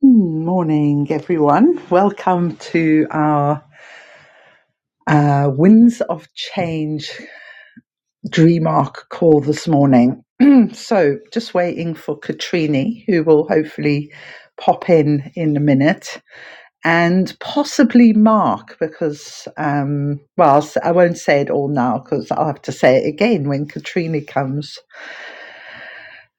Morning, everyone. Welcome to our uh, Winds of Change Dream Arc call this morning. so, just waiting for Katrini, who will hopefully pop in in a minute, and possibly Mark, because, um, well, I'll s- I won't say it all now because I'll have to say it again when Katrini comes.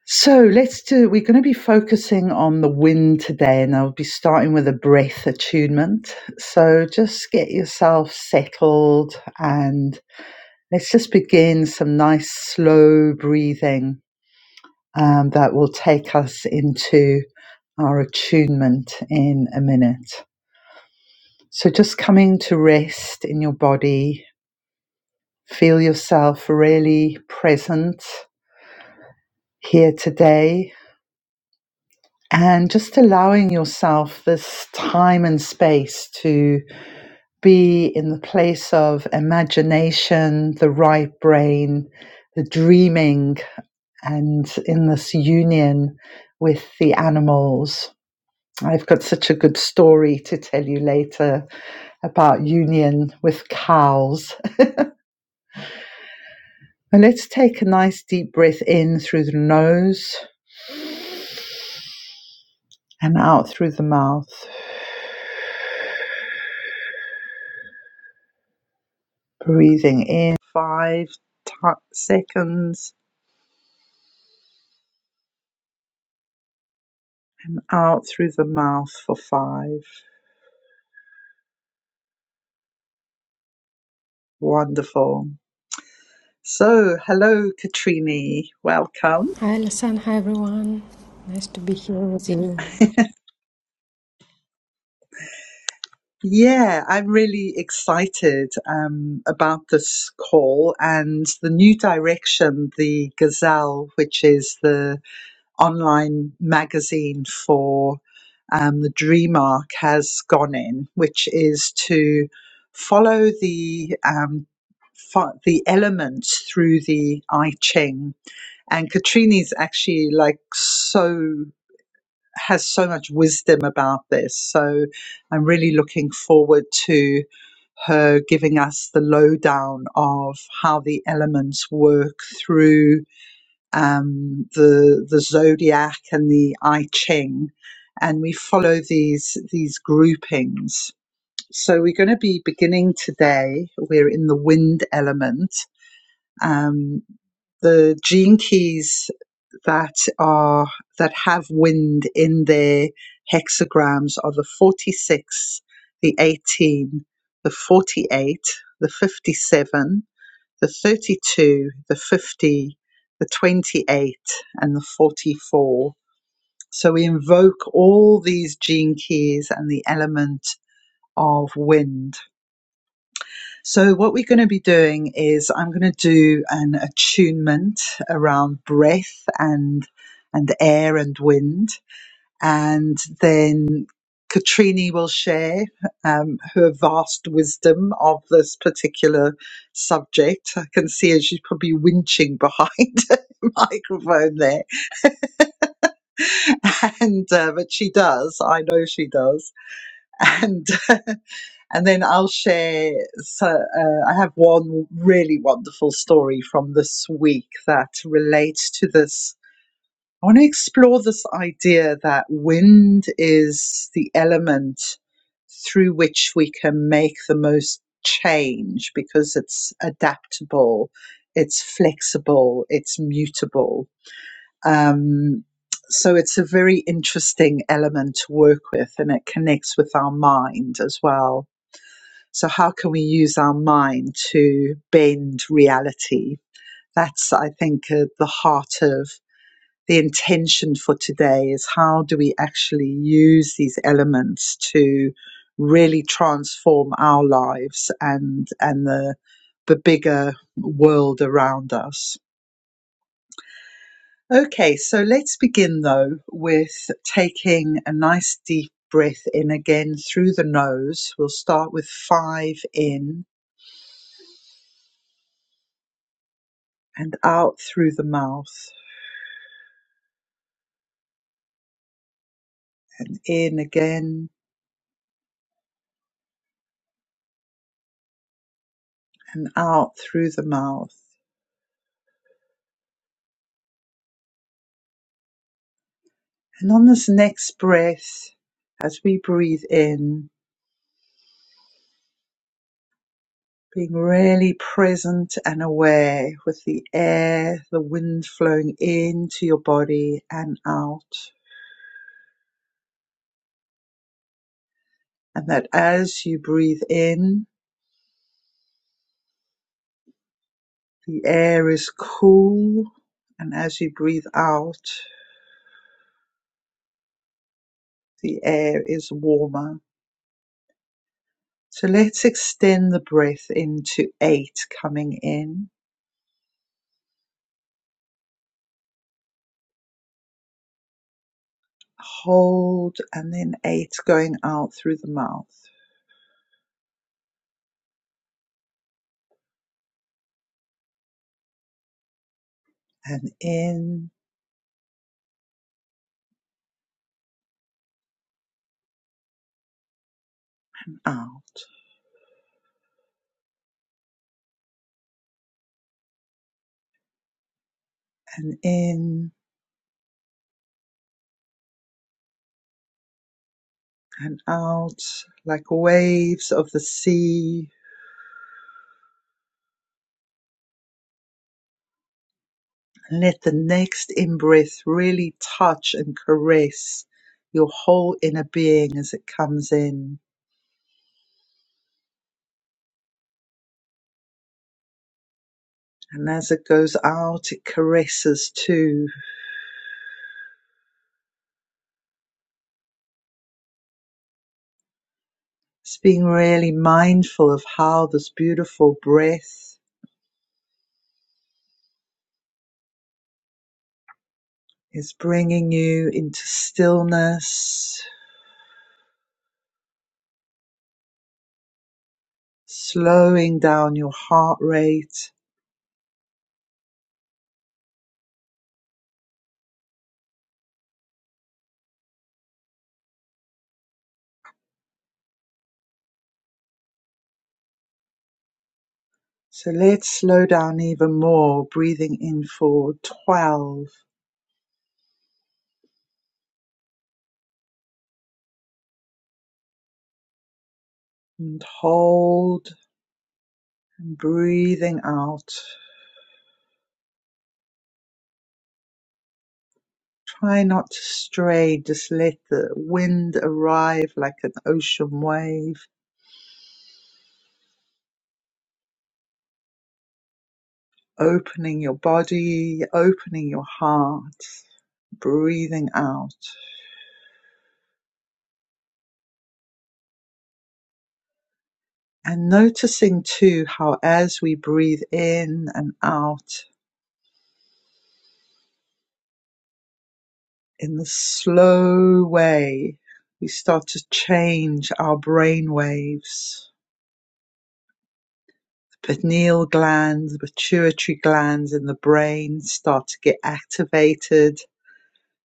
So let's do, we're going to be focusing on the wind today, and I'll be starting with a breath attunement. So just get yourself settled and let's just begin some nice slow breathing um, that will take us into our attunement in a minute. So just coming to rest in your body, feel yourself really present here today and just allowing yourself this time and space to be in the place of imagination, the right brain, the dreaming, and in this union with the animals. I've got such a good story to tell you later about union with cows. And let's take a nice deep breath in through the nose and out through the mouth. Breathing in five ti seconds out through the mouth for five. Wonderful. So, hello, Katrini. Welcome. Hi, Alison. Hi, everyone. Nice to be here with you. Yeah, I'm really excited um, about this call and the new direction the Gazelle, which is the online magazine for um, the DreamArc, has gone in, which is to follow the um, fo- the elements through the I Ching And Katrini's actually like so has so much wisdom about this. So I'm really looking forward to her giving us the lowdown of how the elements work through um, the the zodiac and the I Ching, and we follow these these groupings. So we're going to be beginning today. We're in the wind element. Um, the gene keys that are that have wind in their hexagrams are the 46, the 18, the 48, the 57, the 32, the 50, the 28, and the 44. So we invoke all these gene keys and the element of wind. So what we're going to be doing is I'm going to do an attunement around breath and and air and wind and then Katrini will share um, her vast wisdom of this particular subject. I can see her; she's probably winching behind the microphone there, and uh, but she does. I know she does. And and then I'll share. So uh, I have one really wonderful story from this week that relates to this I want to explore this idea that wind is the element through which we can make the most change because it's adaptable, it's flexible, it's mutable. Um, so it's a very interesting element to work with and it connects with our mind as well. So, how can we use our mind to bend reality? That's, I think, uh, the heart of the intention for today is how do we actually use these elements to really transform our lives and and the the bigger world around us. Okay, so let's begin though with taking a nice deep breath in again through the nose. We'll start with five in and out through the mouth and in again and out through the mouth. And on this next breath, as we breathe in, being really present and aware with the air, the wind flowing into your body and out. And that as you breathe in, the air is cool. And as you breathe out, the air is warmer. So let's extend the breath into eight coming in. Hold and then eight going out through the mouth and in out and in and out like waves of the sea. And let the next in breath really touch and caress your whole inner being as it comes in. And as it goes out, it caresses too. It's being really mindful of how this beautiful breath is bringing you into stillness, slowing down your heart rate, So let's slow down even more, breathing in for 12 and hold and breathing out. Try not to stray, just let the wind arrive like an ocean wave, opening your body, opening your heart, breathing out. And noticing too how as we breathe in and out in the slow way, we start to change our brain waves Pineal gland, pituitary glands in the brain start to get activated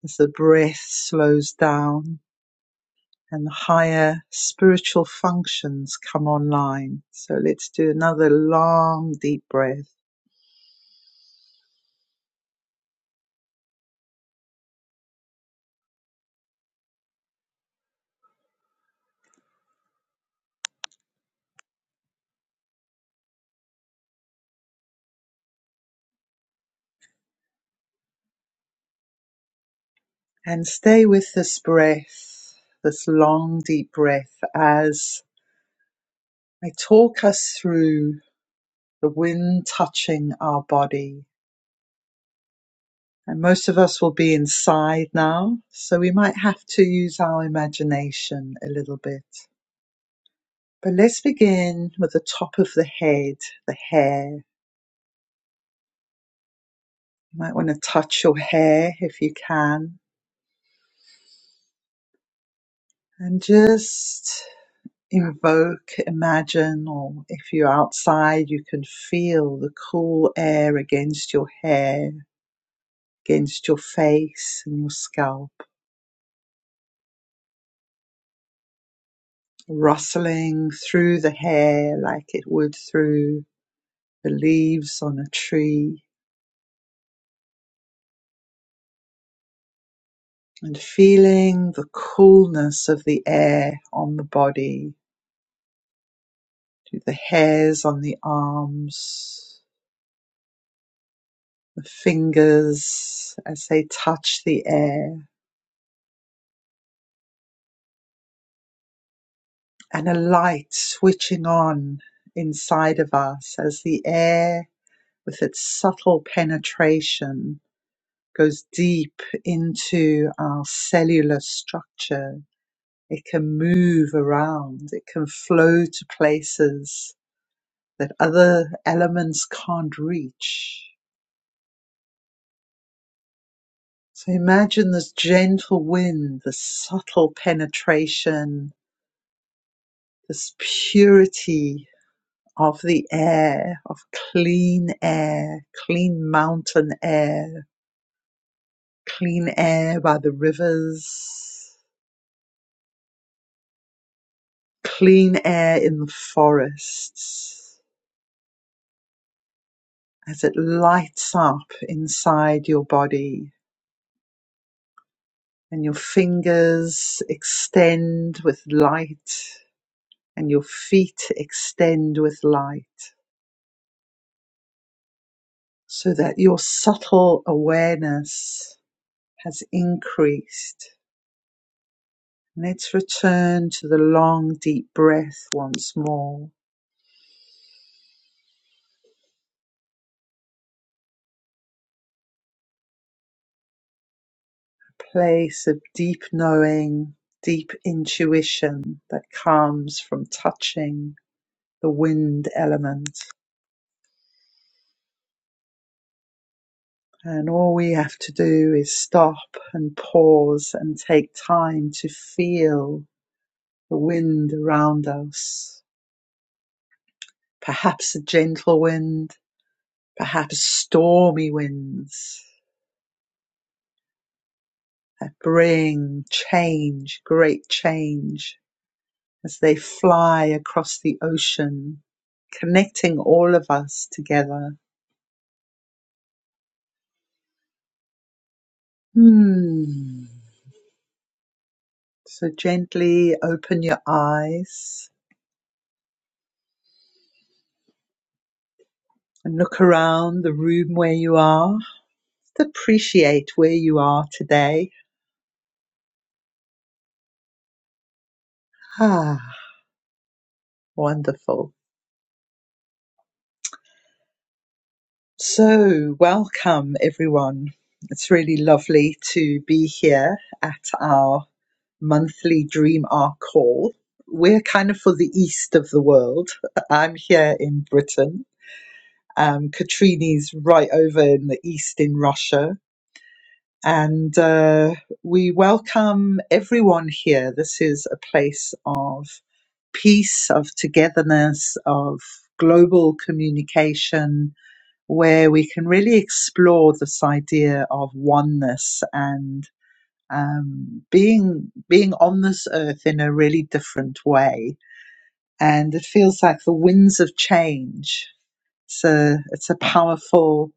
as the breath slows down and higher spiritual functions come online. So let's do another long deep breath and stay with this breath, this long deep breath as I talk us through the wind touching our body And most of us will be inside now, so we might have to use our imagination a little bit. But let's begin with the top of the head, the hair. You might want to touch your hair if you can, and just invoke, imagine, or if you're outside, you can feel the cool air against your hair, against your face and your scalp rustling through the hair like it would through the leaves on a tree and feeling the coolness of the air on the body, to the hairs on the arms, the fingers as they touch the air, and a light switching on inside of us as the air with its subtle penetration goes deep into our cellular structure. It can move around. It can flow to places that other elements can't reach. So imagine this gentle wind, this subtle penetration, this purity of the air, of clean air, clean mountain air, clean air by the rivers, clean air in the forests, as it lights up inside your body and your fingers extend with light and your feet extend with light so that your subtle awareness has increased. Let's return to the long, deep breath once more. Place of deep knowing, deep intuition that comes from touching the wind element. And all we have to do is stop and pause and take time to feel the wind around us Perhaps a gentle wind, perhaps stormy winds that bring change, great change, as they fly across the ocean, connecting all of us together. Hmm. So gently open your eyes and look around the room where you are. Just appreciate where you are today. Ah, wonderful. So, welcome everyone. It's really lovely to be here at our monthly Dream Arc call. We're kind of for the east of the world. I'm here in Britain. Um, Katrini's right over in the east in Russia. And uh, we welcome everyone here. This is a place of peace, of togetherness, of global communication, where we can really explore this idea of oneness and um, being being on this earth in a really different way. And it feels like the winds of change. It's a it's a powerful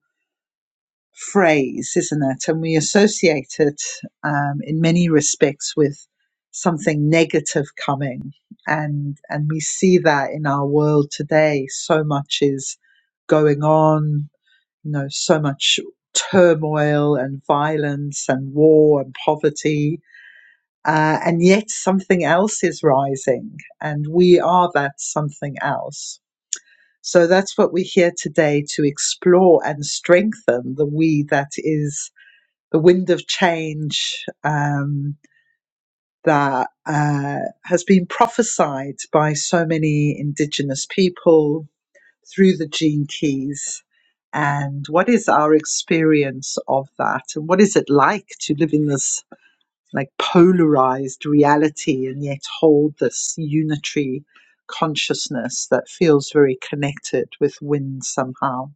phrase, isn't it? And we associate it um, in many respects with something negative coming, and and we see that in our world today. So much is going on you know, so much turmoil and violence and war and poverty. Uh, and yet something else is rising, and we are that something else. So that's what we're here today to explore and strengthen the we that is the wind of change um, that uh, has been prophesied by so many Indigenous people, through the gene keys and what is our experience of that and what is it like to live in this like polarized reality and yet hold this unitary consciousness that feels very connected with wind somehow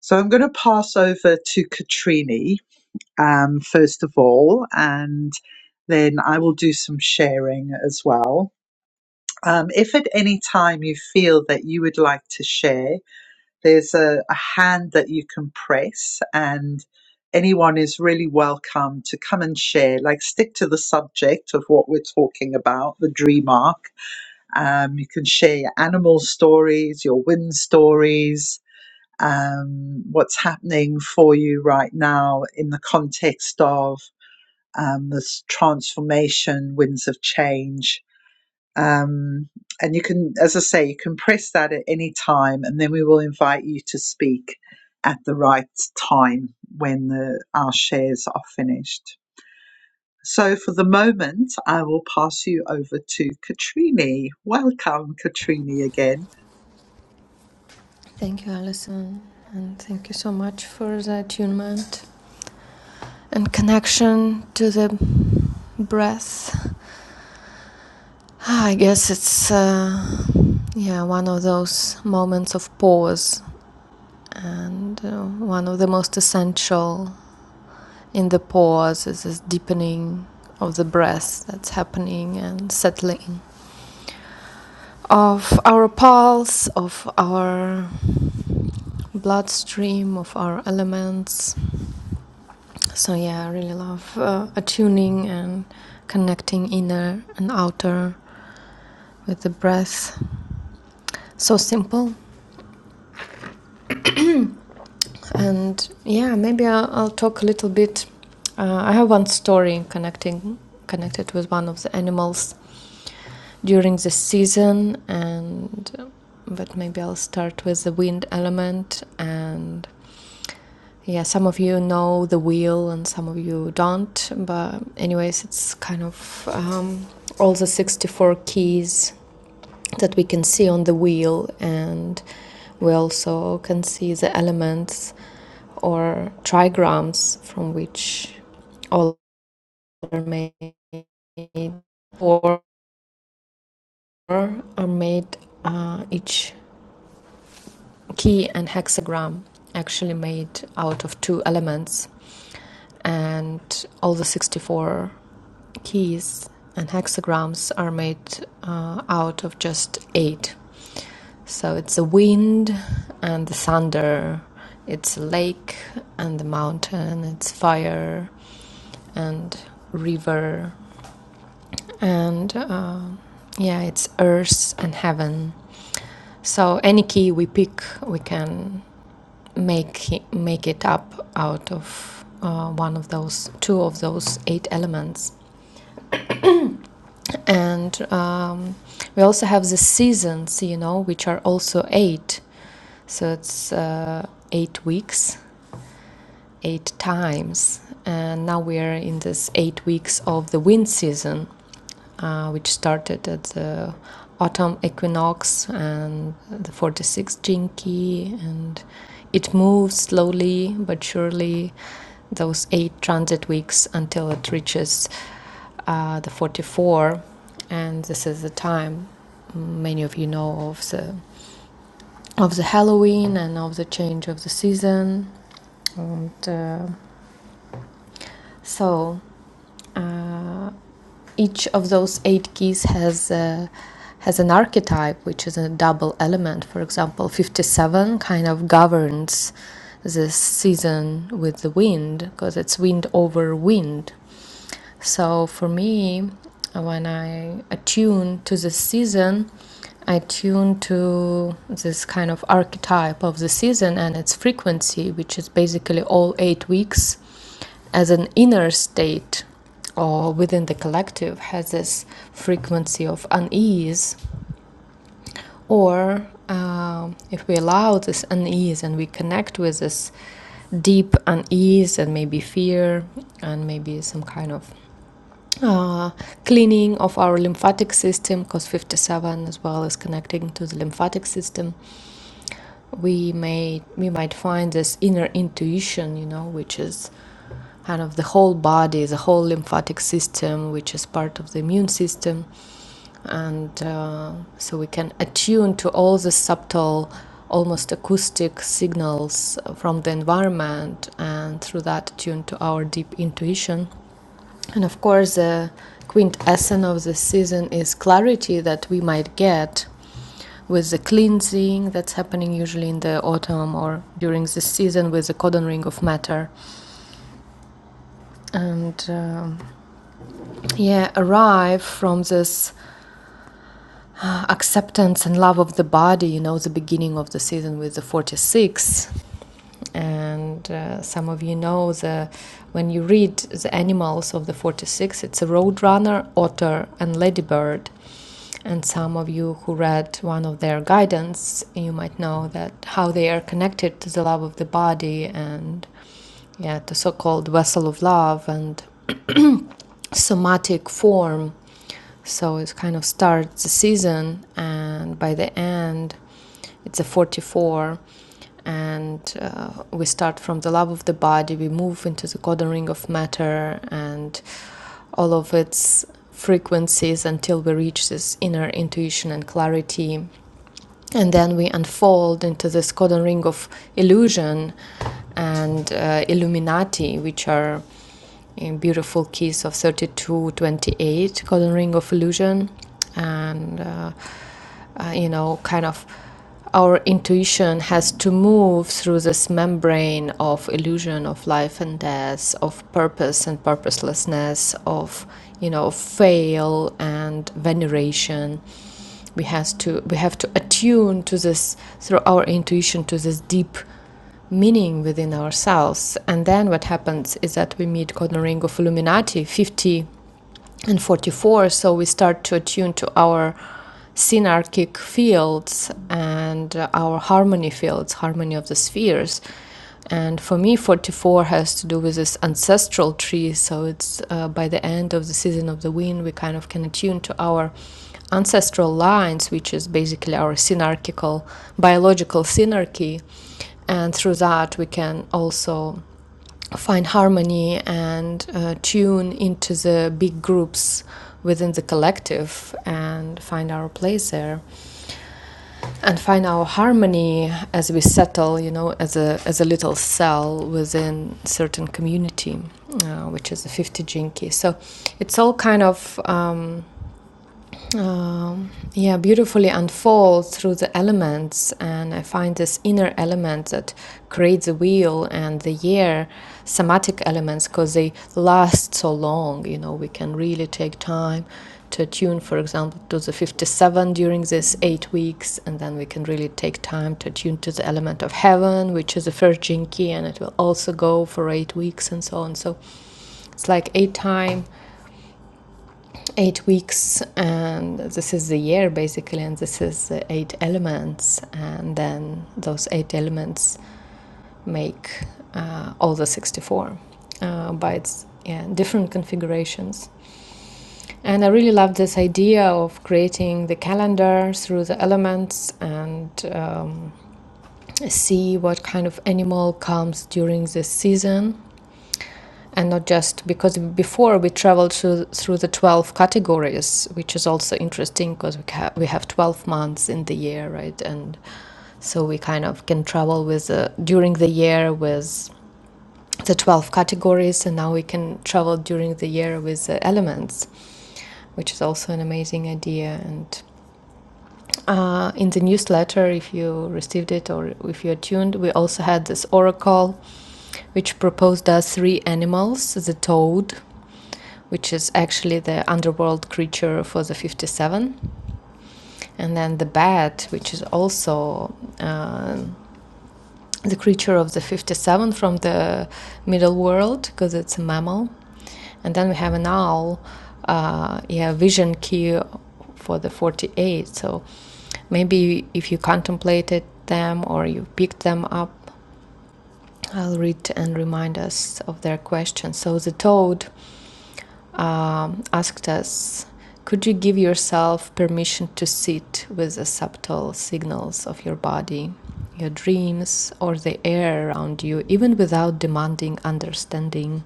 so i'm going to pass over to katrini um, first of all and then i will do some sharing as well um, if at any time you feel that you would like to share there's a, a hand that you can press, and anyone is really welcome to come and share. Like, stick to the subject of what we're talking about, the dream arc. Um, you can share your animal stories, your win stories, um, what's happening for you right now in the context of um, this transformation, winds of change um, and you can, as I say, you can press that at any time, and then we will invite you to speak at the right time when the, our shares are finished. So, for the moment, I will pass you over to Katrini. Welcome, Katrini, again. Thank you, Alison. And thank you so much for the attunement and connection to the breath. Ah, I guess it's, uh, yeah, one of those moments of pause. And uh, one of the most essential in the pause is this deepening of the breath that's happening and settling of our pulse, of our bloodstream of our elements. So, yeah, I really love uh, attuning and connecting inner and outer with the breath. So simple. And yeah, maybe I'll, I'll talk a little bit. Uh, I have one story connecting connected with one of the animals during the season and but maybe I'll start with the wind element and yeah, some of you know the wheel and some of you don't. But, anyways, it's kind of um, all the 64 keys that we can see on the wheel, and we also can see the elements or trigrams from which all are made, or are made uh, each key and hexagram actually made out of two elements and all the 64 keys and hexagrams are made uh, out of just eight so it's the wind and the thunder it's a lake and the mountain it's fire and river and uh, yeah it's earth and heaven so any key we pick we can make make it up out of uh, one of those two of those eight elements and um, we also have the seasons you know which are also eight so it's uh, eight weeks eight times and now we are in this eight weeks of the wind season uh, which started at the autumn equinox and the 46th jinki and it moves slowly but surely those eight transit weeks until it reaches uh, the 44 and this is the time many of you know of the of the halloween and of the change of the season and uh, so uh, each of those eight keys has uh, has an archetype which is a double element for example 57 kind of governs this season with the wind because it's wind over wind so for me when i attune to the season i tune to this kind of archetype of the season and its frequency which is basically all eight weeks as an inner state or within the collective has this frequency of unease, or um if we allow this unease and we connect with this deep unease and maybe fear and maybe some kind of uh, cleaning of our lymphatic system, because 57 as well is connecting to the lymphatic system we may we might find this inner intuition you know which is kind of the whole body the whole lymphatic system which is part of the immune system and uh, so we can attune to all the subtle almost acoustic signals from the environment and through that attune to our deep intuition and of course the quintessence of the season is clarity that we might get with the cleansing that's happening usually in the autumn or during the season with the codon ring of matter. And um, yeah, arrive from this uh, acceptance and love of the body, you know, the beginning of the season with the 46. And uh, some of you know the when you read the animals of the 46, it's a roadrunner, otter, and ladybird. And some of you who read one of their guidance, you might know that how they are connected to the love of the body and yeah, the so-called vessel of love and somatic form. So it kind of starts the season, and by the end, it's a 44. And uh, we start from the love of the body, we move into the golden ring of matter and all of its frequencies until we reach this inner intuition and clarity and then we unfold into this codon ring of illusion and uh, illuminati which are uh, beautiful keys of 3228 codon ring of illusion and uh, uh, you know kind of our intuition has to move through this membrane of illusion of life and death of purpose and purposelessness of you know fail and veneration we has to we have to attune to this through our intuition to this deep meaning within ourselves and then what happens is that we meet Gordon Ring of Illuminati 50 and 44 so we start to attune to our synarchic fields and uh, our harmony fields harmony of the spheres and for me, 44 has to do with this ancestral tree. So it's uh, by the end of the season of the wind, we kind of can attune to our ancestral lines, which is basically our synarchical, biological synarchy. And through that, we can also find harmony and uh, tune into the big groups within the collective and find our place there and find our harmony as we settle, you know, as a as a little cell within certain community, uh, which is a 50 jinki. So it's all kind of um, um, yeah, beautifully unfold through the elements. And I find this inner element that creates the wheel and the year, somatic elements, because they last so long. You know, we can really take time to attune, for example, to the 57 during these eight weeks. And then we can really take time to attune to the element of heaven, which is the first jinki, and it will also go for eight weeks and so on. So it's like eight time eight weeks and this is the year basically and this is the eight elements and then those eight elements make uh, all the 64 uh, by its yeah, different configurations and i really love this idea of creating the calendar through the elements and um, see what kind of animal comes during this season and not just because before we traveled through, through the 12 categories which is also interesting because we, ca- we have 12 months in the year right and so we kind of can travel with uh, during the year with the 12 categories and now we can travel during the year with the elements which is also an amazing idea. And uh, in the newsletter, if you received it or if you're tuned, we also had this oracle which proposed us three animals the toad which is actually the underworld creature for the 57, and then the bat, which is also uh, the creature of the 57 from the middle world because it's a mammal, and then we have an owl, uh, yeah, vision key for the 48. So maybe if you contemplated them or you picked them up, I'll read and remind us of their questions. So the toad um, asked us could you give yourself permission to sit with the subtle signals of your body, your dreams, or the air around you, even without demanding understanding?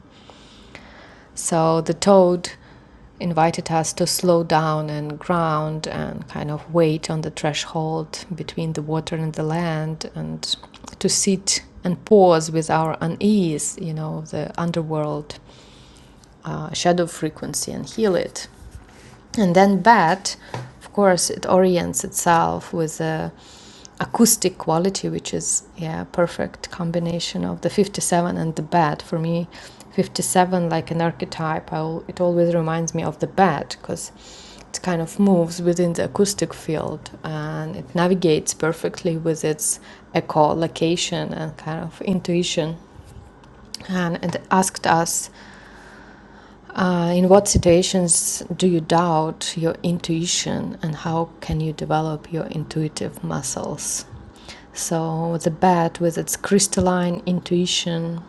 So the toad invited us to slow down and ground and kind of wait on the threshold between the water and the land and to sit and pause with our unease, you know, the underworld uh, shadow frequency and heal it. And then bat, of course, it orients itself with a acoustic quality, which is yeah, perfect combination of the 57 and the bat. For me, 57 like an archetype. I, al- it always reminds me of the bat because it kind of moves within the acoustic field and it navigates perfectly with its echolocation and kind of intuition. And it asked us uh, in what situations do you doubt your intuition and how can you develop your intuitive muscles? So, the bat, with its crystalline intuition,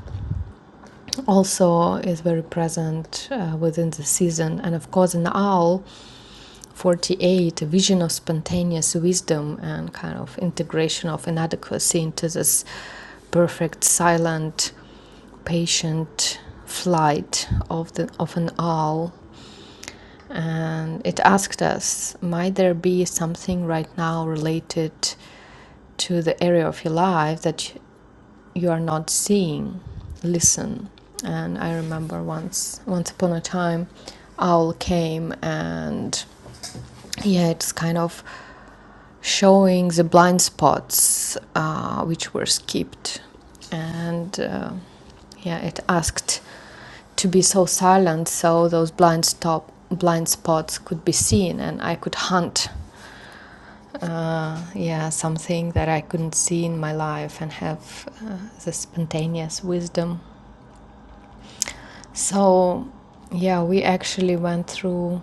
also is very present uh, within the season. And of course, an owl, 48, a vision of spontaneous wisdom and kind of integration of inadequacy into this perfect, silent, patient flight of, the, of an owl and it asked us might there be something right now related to the area of your life that you are not seeing listen and i remember once once upon a time owl came and yeah it's kind of showing the blind spots uh, which were skipped and uh, yeah it asked to be so silent so those blind stop blind spots could be seen and i could hunt uh, yeah, something that I couldn't see in my life and have uh, the spontaneous wisdom. So, yeah, we actually went through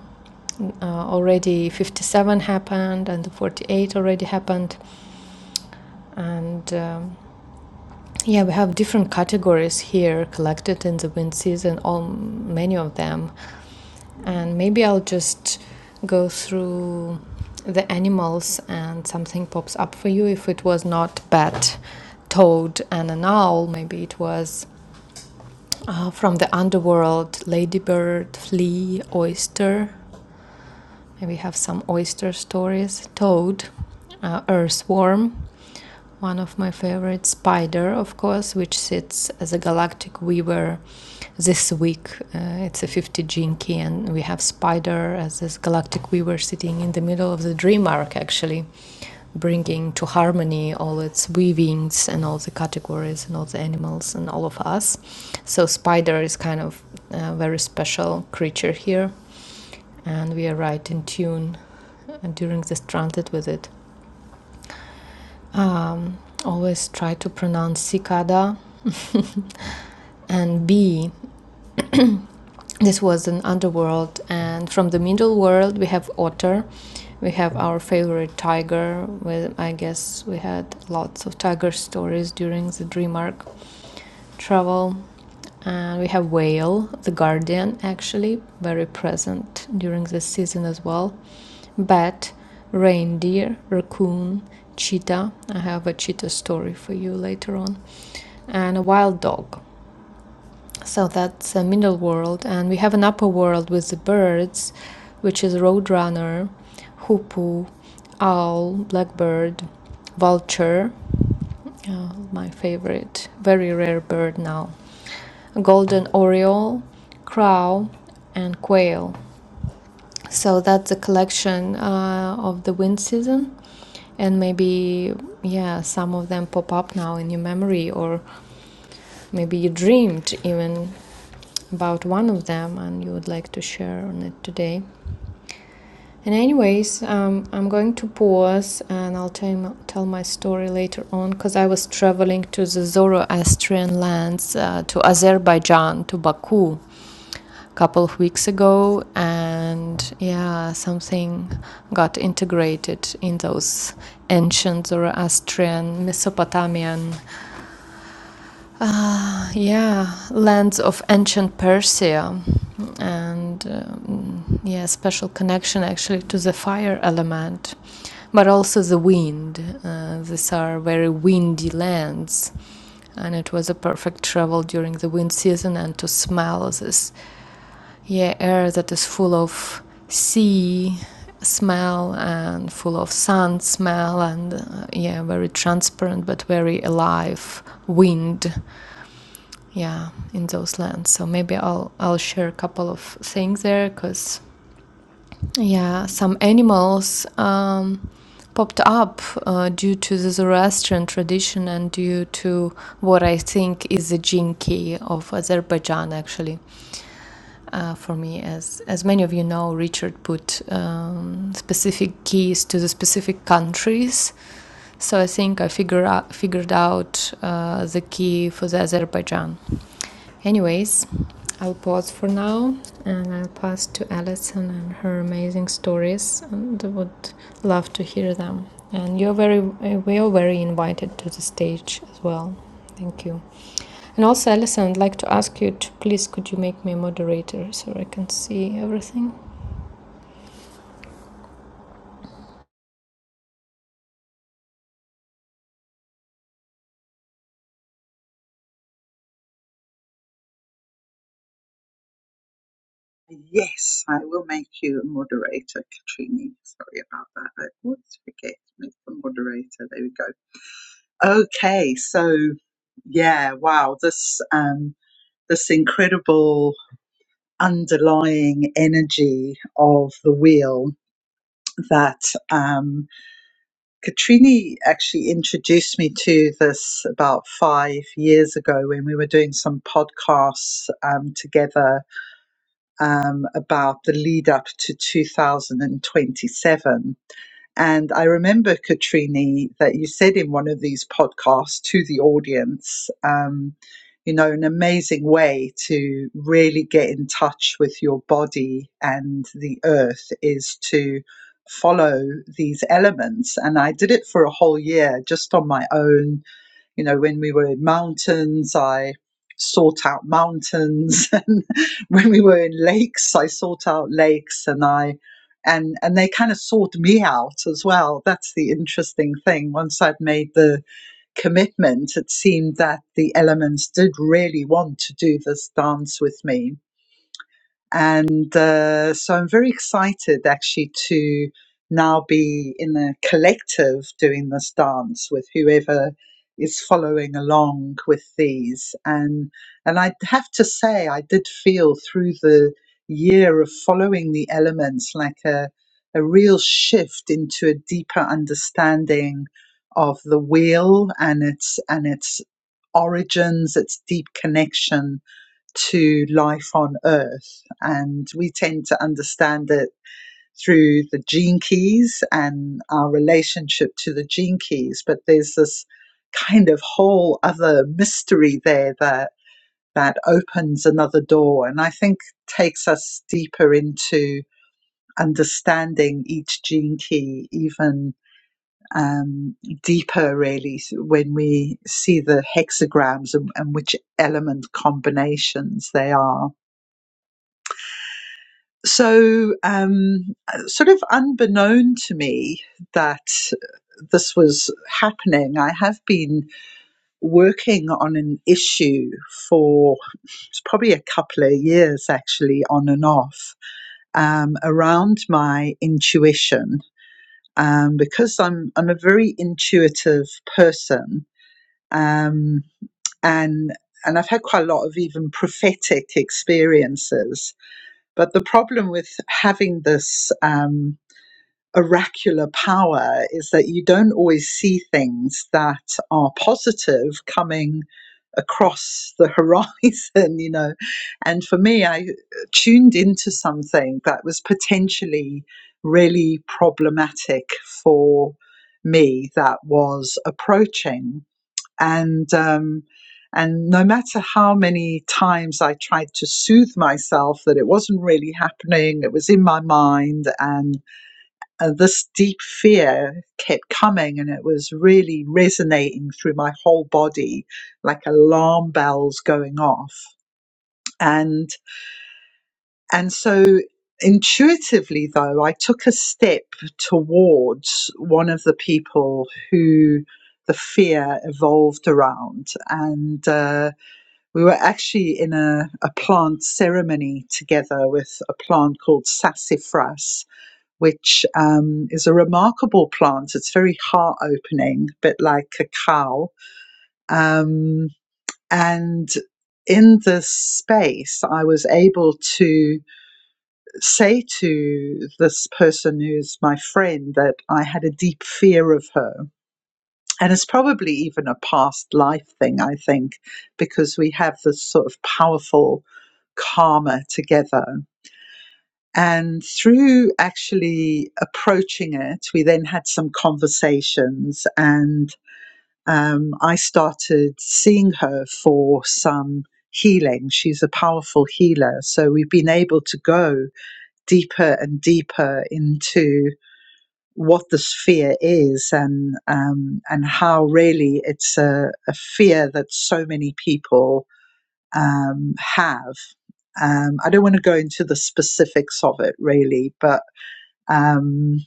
uh, already 57 happened and the 48 already happened. And um, yeah, we have different categories here collected in the wind season, all many of them. And maybe I'll just go through the animals and something pops up for you. If it was not bat, toad, and an owl, maybe it was uh, from the underworld ladybird, flea, oyster. We have some oyster stories, toad, uh, earthworm, one of my favorite, spider, of course, which sits as a galactic weaver this week. Uh, it's a 50 gene key, and we have spider as this galactic weaver sitting in the middle of the dream arc, actually, bringing to harmony all its weavings and all the categories and all the animals and all of us. So, spider is kind of a very special creature here and we are right in tune uh, during this transit with it. Um, always try to pronounce cicada and bee. This was an underworld, and from the middle world we have otter. We have our favorite tiger. Well, I guess we had lots of tiger stories during the dream arc. travel. And we have Whale, The Guardian, actually, very present during this season as well. Bat, reindeer, raccoon, cheetah. I have a cheetah story for you later on. And a wild dog. So that's a middle world. And we have an upper world with the birds, which is roadrunner, hoopoo, owl, blackbird, vulture. uh, my favorite, very rare bird now golden oriole, crow, and quail. So that's the collection uh, of the wind season, and maybe yeah, some of them pop up now in your memory, or maybe you dreamed even about one of them and you would like to share on it today. And anyways, um, I'm going to pause and I'll tell, tell my story later on because I was traveling to the Zoroastrian lands, uh, to Azerbaijan, to Baku a couple of weeks ago. And yeah, something got integrated in those ancient Zoroastrian, Mesopotamian yeah, lands of ancient Persia, and um, yeah, special connection actually to the fire element, but also the wind. Uh, these are very windy lands, and it was a perfect travel during the wind season and to smell this yeah air that is full of sea smell and full of sun smell and uh, yeah very transparent but very alive wind yeah in those lands so maybe i'll i'll share a couple of things there because yeah some animals um, popped up uh, due to the zoroastrian tradition and due to what i think is the jinki of azerbaijan actually uh, for me. As as many of you know, Richard put um, specific keys to the specific countries. So I think I figure out, figured out uh, the key for the Azerbaijan. Anyways, I'll pause for now and I'll pass to Alison and her amazing stories and I would love to hear them. And you're very, uh, we are very invited to the stage as well. Thank you. And also, Alison, I'd like to ask you to please could you make me a moderator so I can see everything? Yes, I will make you a moderator, Katrini. Sorry about that. I always forget to make the moderator. There we go. Okay, so yeah, wow, this um, this incredible underlying energy of the wheel that um, Katrini actually introduced me to this about five years ago when we were doing some podcasts um, together um, about the lead up to 2027 and I remember, Katrini, that you said in one of these podcasts to the audience, um, you know, an amazing way to really get in touch with your body and the earth is to follow these elements. And I did it for a whole year just on my own you know, when we were in mountains, I sought out mountains, and when we were in lakes, I sought out lakes, and I and and they kind of sought me out as well. That's the interesting thing. Once I'd made the commitment, it seemed that the elements did really want to do this dance with me and uh, so I'm very excited actually to now be in a collective doing this dance with whoever is following along with these. And and I have to say I did feel through the year of following the elements like a a real shift into a deeper understanding of the wheel and its and its origins, its deep connection to life on Earth. And we tend to understand it through the gene keys and our relationship to the gene keys. But there's this kind of whole other mystery there that that opens another door and I think takes us deeper into understanding each gene key even um, deeper really when we see the hexagrams and, and which element combinations they are. so um, sort of unbeknown to me that this was happening, I have been working on an issue for probably a couple of years actually, on and off, um, around my intuition. Um, because I'm I'm a very intuitive person, um, and and I've had quite a lot of even prophetic experiences. But the problem with having this um, oracular power is that you don't always see things that are positive coming across the horizon, you know. And for me, I tuned into something that was potentially really problematic for me that was approaching. And, um, and no matter how many times I tried to soothe myself that it wasn't really happening, it was in my mind, and uh, this deep fear kept coming and it was really resonating through my whole body like alarm bells going off and and so intuitively though i took a step towards one of the people who the fear evolved around and uh, we were actually in a, a plant ceremony together with a plant called sassafras which um, is a remarkable plant. It's very heart opening, a bit like cacao. Um, and in this space, I was able to say to this person who's my friend that I had a deep fear of her. And it's probably even a past life thing, I think, because we have this sort of powerful karma together. And through actually approaching it, we then had some conversations, and um, I started seeing her for some healing. She's a powerful healer. So we've been able to go deeper and deeper into what the fear is and um, and how really it's a, a fear that so many people um, have. Um, I don't want to go into the specifics of it really, but um,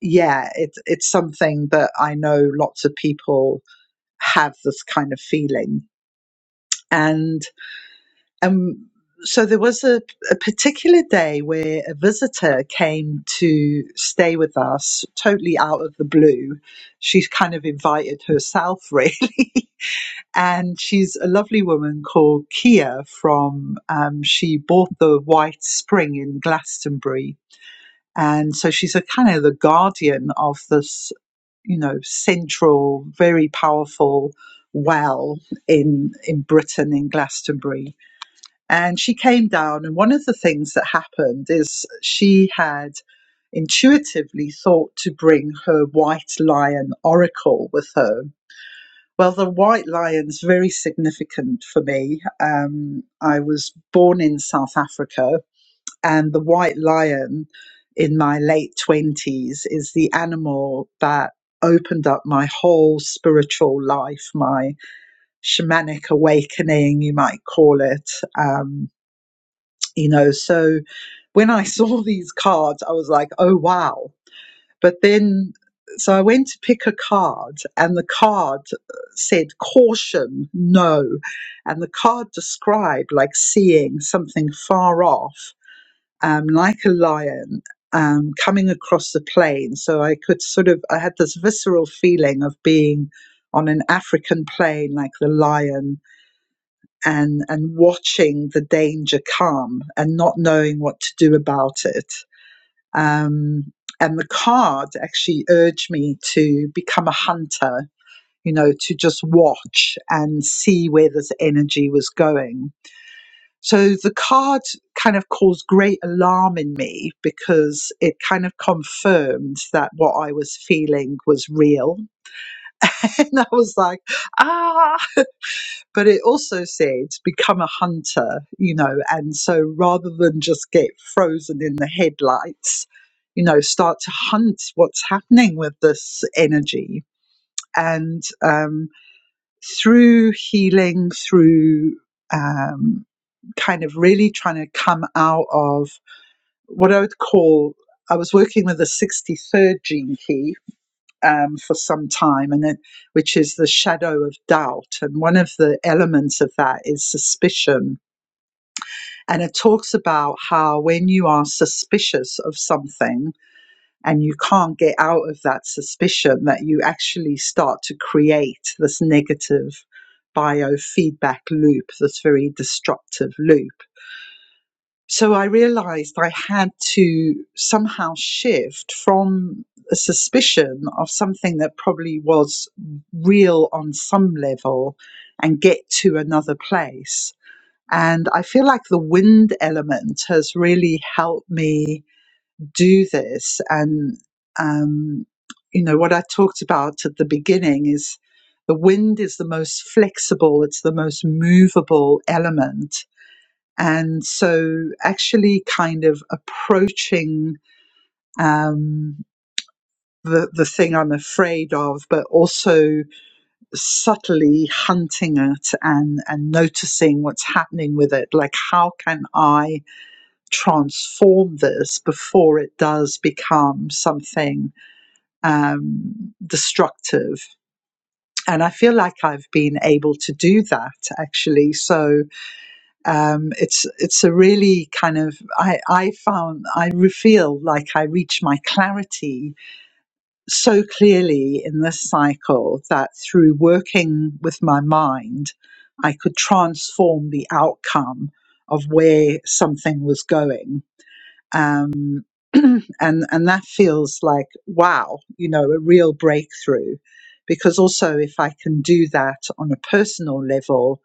yeah, it's it's something that I know lots of people have this kind of feeling, and um, so there was a, a particular day where a visitor came to stay with us, totally out of the blue. She's kind of invited herself, really. And she's a lovely woman called Kia from, um, she bought the White Spring in Glastonbury and so she's a kind of the guardian of this, you know, central, very powerful well in in Britain in Glastonbury. And she came down and one of the things that happened is she had intuitively thought to bring her white lion oracle with her. Well, the white lion's very significant for me. Um, I was born in South Africa and the white lion in my late 20s is the animal that opened up my whole spiritual life, my shamanic awakening, you might call it. Um, you know, so when I saw these cards, I was like, oh, wow. But then, so I went to pick a card, and the card uh, said caution, no. And the card described like seeing something far off um, like a lion um, coming across the plain. So I could sort of, I had this visceral feeling of being on an African plain like the lion and, and watching the danger come and not knowing what to do about it. Um, and the card actually urged me to become a hunter, you know, to just watch and see where this energy was going so the card kind of caused great alarm in me because it kind of confirmed that what I was feeling was real. And I was like, ah, but it also said become a hunter, you know, and so rather than just get frozen in the headlights, you know, start to hunt what's happening with this energy. And um, through healing, through um, kind of really trying to come out of what I would call I was working with the 63rd gene key um, for some time, and it, which is the shadow of doubt. And one of the elements of that is suspicion. And it talks about how when you are suspicious of something and you can't get out of that suspicion, that you actually start to create this negative biofeedback loop, this very destructive loop. So I realized I had to somehow shift from a suspicion of something that probably was real on some level and get to another place. And I feel like the wind element has really helped me do this. And, um, you know, what I talked about at the beginning is the wind is the most flexible, it's the most movable element and so, actually, kind of approaching um, the the thing I'm afraid of, but also subtly hunting it and and noticing what's happening with it. Like, how can I transform this before it does become something um, destructive? And I feel like I've been able to do that actually. So um, it's it's a really kind of I I found I re- feel like I reach my clarity so clearly in this cycle that through working with my mind, I could transform the outcome of where something was going um, and and that feels like wow, you know, a real breakthrough. Because also, if I can do that on a personal level,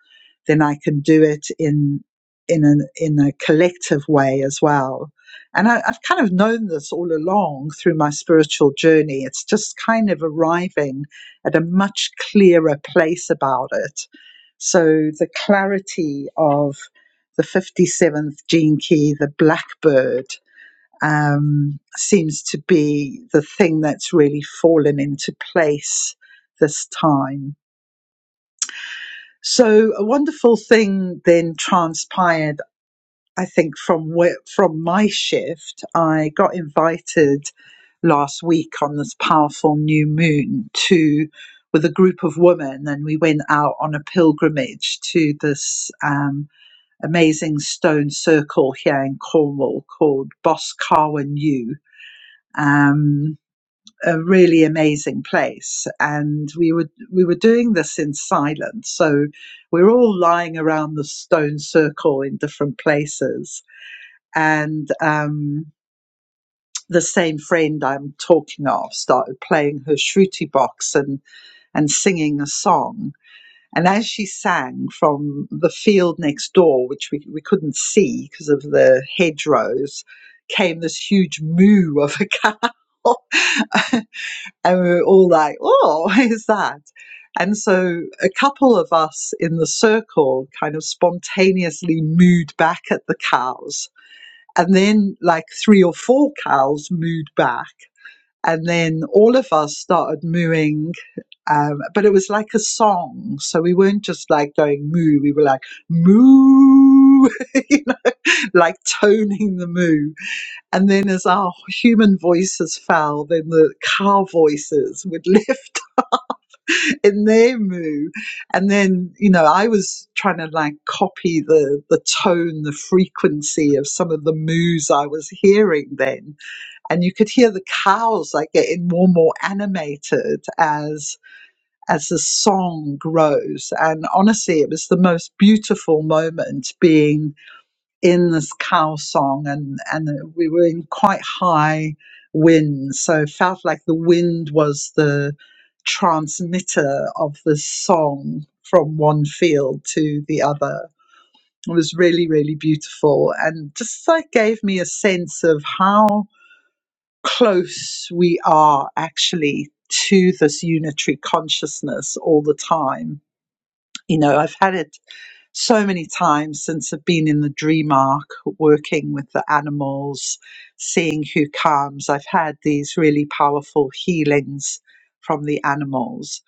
then I can do it in in an in a collective way as well. And I, I've kind of known this all along through my spiritual journey. It's just kind of arriving at a much clearer place about it. So the clarity of the 57th gene key, the blackbird, um, seems to be the thing that's really fallen into place this time. So a wonderful thing then transpired, I think, from where, from my shift. I got invited last week on this powerful new moon to with a group of women, and we went out on a pilgrimage to this um, amazing stone circle here in Cornwall called Boscawen U. Um, a really amazing place and we were we were doing this in silence so we were all lying around the stone circle in different places and um the same friend I'm talking of started playing her shruti box and and singing a song and as she sang from the field next door which we, we couldn't see because of the hedgerows came this huge moo of a cow And we were all like, oh, what is that? And so a couple of us in the circle kind of spontaneously mooed back at the cows. And then, like three or four cows mooed back. And then all of us started mooing. Um, but it was like a song. So we weren't just like going moo, we were like moo, you know, like toning the moo. And then as our human voices fell, then the cow voices would lift up. in their moo. And then, you know, I was trying to like copy the the tone, the frequency of some of the moos I was hearing then. And you could hear the cows like getting more and more animated as as the song grows. And honestly, it was the most beautiful moment being in this cow song and and we were in quite high winds, so it felt like the wind was the transmitter of the song from one field to the other it was really really beautiful and just like gave me a sense of how close we are actually to this unitary consciousness all the time you know i've had it so many times since I've been in the dream arc, working with the animals, seeing who comes. I've had these really powerful healings from the animals.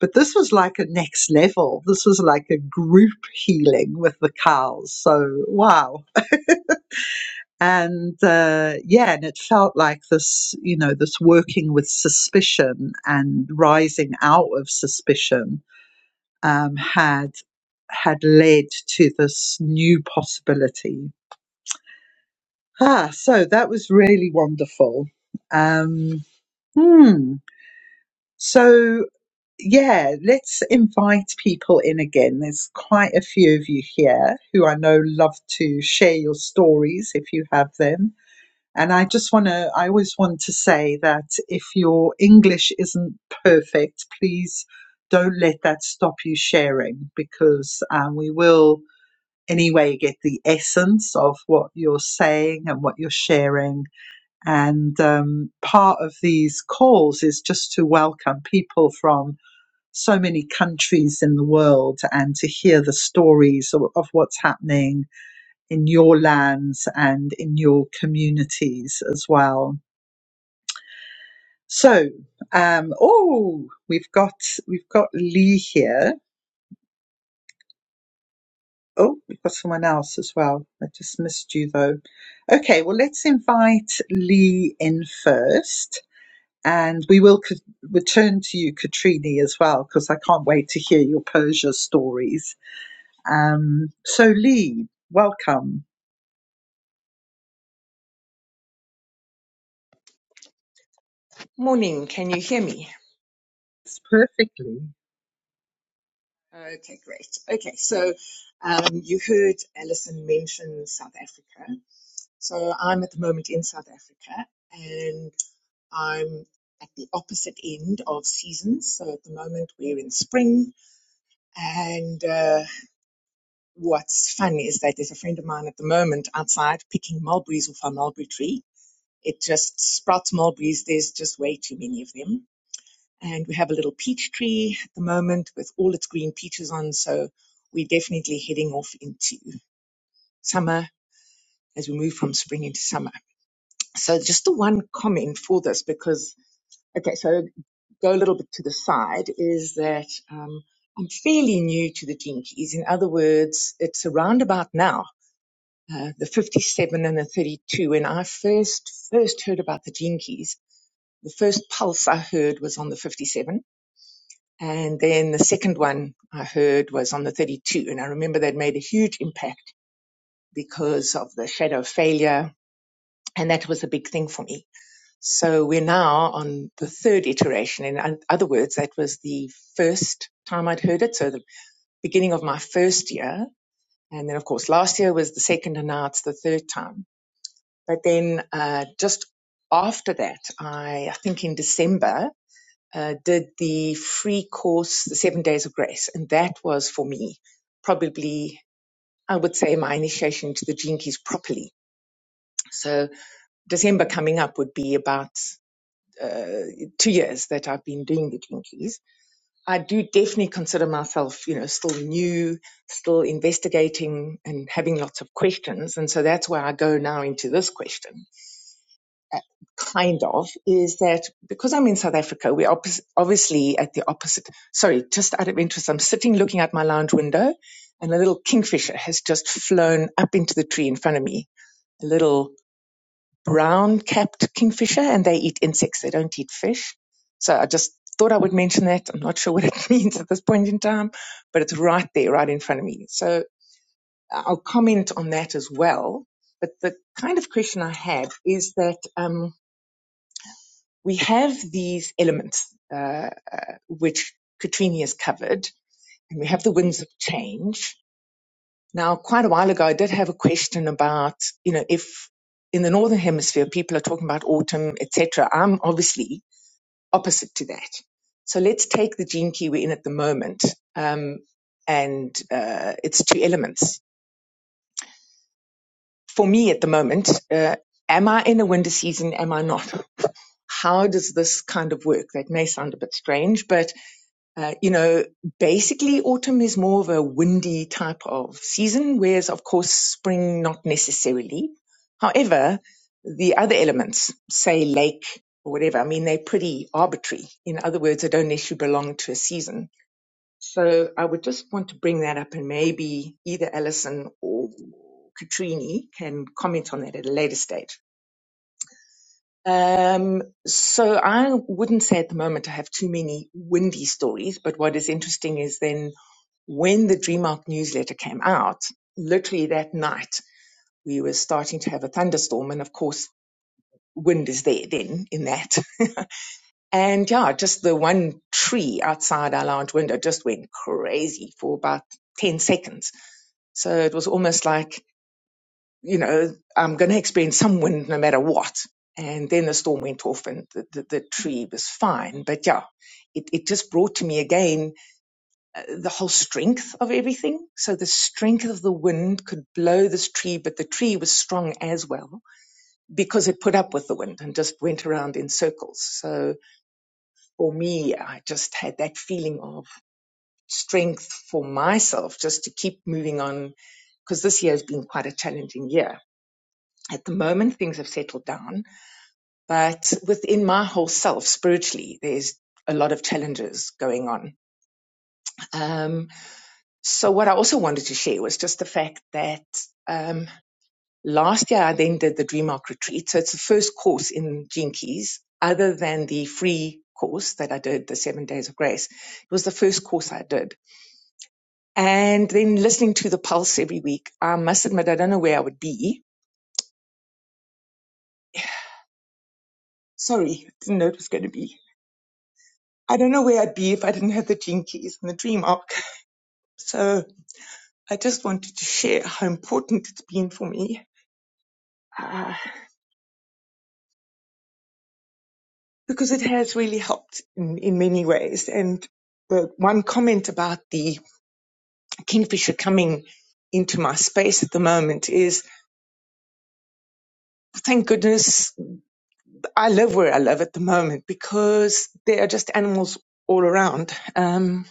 But this was like a next level. This was like a group healing with the cows. So, wow. And uh, yeah, and it felt like this, you know, this working with suspicion and rising out of suspicion um, had had led to this new possibility. Ah, so that was really wonderful. Um, hmm. So yeah, let's invite people in again. There's quite a few of you here who I know love to share your stories if you have them. And I just want to, I always want to say that if your English isn't perfect, please don't let that stop you sharing because um, we will Anyway, you get the essence of what you're saying and what you're sharing. And um, part of these calls is just to welcome people from so many countries in the world and to hear the stories of, of what's happening in your lands and in your communities as well. So, um, oh, we've got we've got Lee here. Oh, we've got someone else as well. I just missed you though. Okay, well, let's invite Lee in first. And we will c- return to you, Katrini, as well, because I can't wait to hear your Persia stories. Um, so, Lee, welcome. Morning, can you hear me? It's perfectly. Okay, great. Okay, so um, you heard Alison mention South Africa. So I'm at the moment in South Africa and I'm at the opposite end of seasons. So at the moment we're in spring. And uh, what's fun is that there's a friend of mine at the moment outside picking mulberries off our mulberry tree. It just sprouts mulberries, there's just way too many of them and we have a little peach tree at the moment with all its green peaches on. So we're definitely heading off into summer as we move from spring into summer. So just the one comment for this because, okay, so go a little bit to the side is that, um, I'm fairly new to the Jinkies. In other words, it's around about now, uh, the 57 and the 32. When I first, first heard about the Jinkies, the first pulse I heard was on the 57 And then the second one I heard was on the 32. And I remember that made a huge impact because of the shadow of failure. And that was a big thing for me. So we're now on the third iteration. In other words, that was the first time I'd heard it. So the beginning of my first year. And then, of course, last year was the second and now it's the third time. But then, uh, just after that, I, I think in December, uh, did the free course, the Seven Days of Grace, and that was for me probably, I would say, my initiation to the Gene Keys properly. So December coming up would be about uh, two years that I've been doing the Gene Keys. I do definitely consider myself, you know, still new, still investigating and having lots of questions, and so that's where I go now into this question kind of, is that because I'm in South Africa, we're oppos obviously at the opposite. Sorry, just out of interest, I'm sitting looking out my lounge window and a little kingfisher has just flown up into the tree in front of me. A little brown capped kingfisher and they eat insects. They don't eat fish. So I just thought I would mention that. I'm not sure what it means at this point in time, but it's right there, right in front of me. So I'll comment on that as well. But the kind of question I had is that, um, we have these elements uh, which Katrini has covered, and we have the winds of change. Now, quite a while ago, I did have a question about, you know, if in the northern hemisphere people are talking about autumn, etc. I'm obviously opposite to that. So let's take the gene key we're in at the moment, um, and uh, it's two elements. For me at the moment, uh, am I in a winter season? Am I not? How does this kind of work? That may sound a bit strange, but Uh, you know, basically autumn is more of a windy type of season, whereas of course spring not necessarily. However, the other elements, say lake or whatever, I mean, they're pretty arbitrary. In other words, they don't necessarily belong to a season. So I would just want to bring that up and maybe either Alison or Katrini can comment on that at a later stage. Um, so I wouldn't say at the moment I have too many windy stories, but what is interesting is then when the Dream newsletter came out, literally that night, we were starting to have a thunderstorm. And of course, wind is there then in that. And yeah, just the one tree outside our lounge window just went crazy for about 10 seconds. So it was almost like, you know, I'm going to experience some wind no matter what. And then the storm went off and the, the, the tree was fine. But yeah, it, it just brought to me again the whole strength of everything. So the strength of the wind could blow this tree, but the tree was strong as well because it put up with the wind and just went around in circles. So for me, I just had that feeling of strength for myself just to keep moving on because this year has been quite a challenging year. At the moment, things have settled down, but within my whole self, spiritually, there's a lot of challenges going on. Um, So what I also wanted to share was just the fact that um, last year I then did the DreamArc retreat. So it's the first course in Gene Keys, other than the free course that I did, the Seven Days of Grace. It was the first course I did. And then listening to the pulse every week, I must admit I don't know where I would be. Sorry, I didn't know it was going to be. I don't know where I'd be if I didn't have the Gene Keys and the DreamArc. So I just wanted to share how important it's been for me Uh, because it has really helped in, in many ways. And the one comment about the kingfisher coming into my space at the moment is thank goodness I live where I live at the moment because there are just animals all around. Um,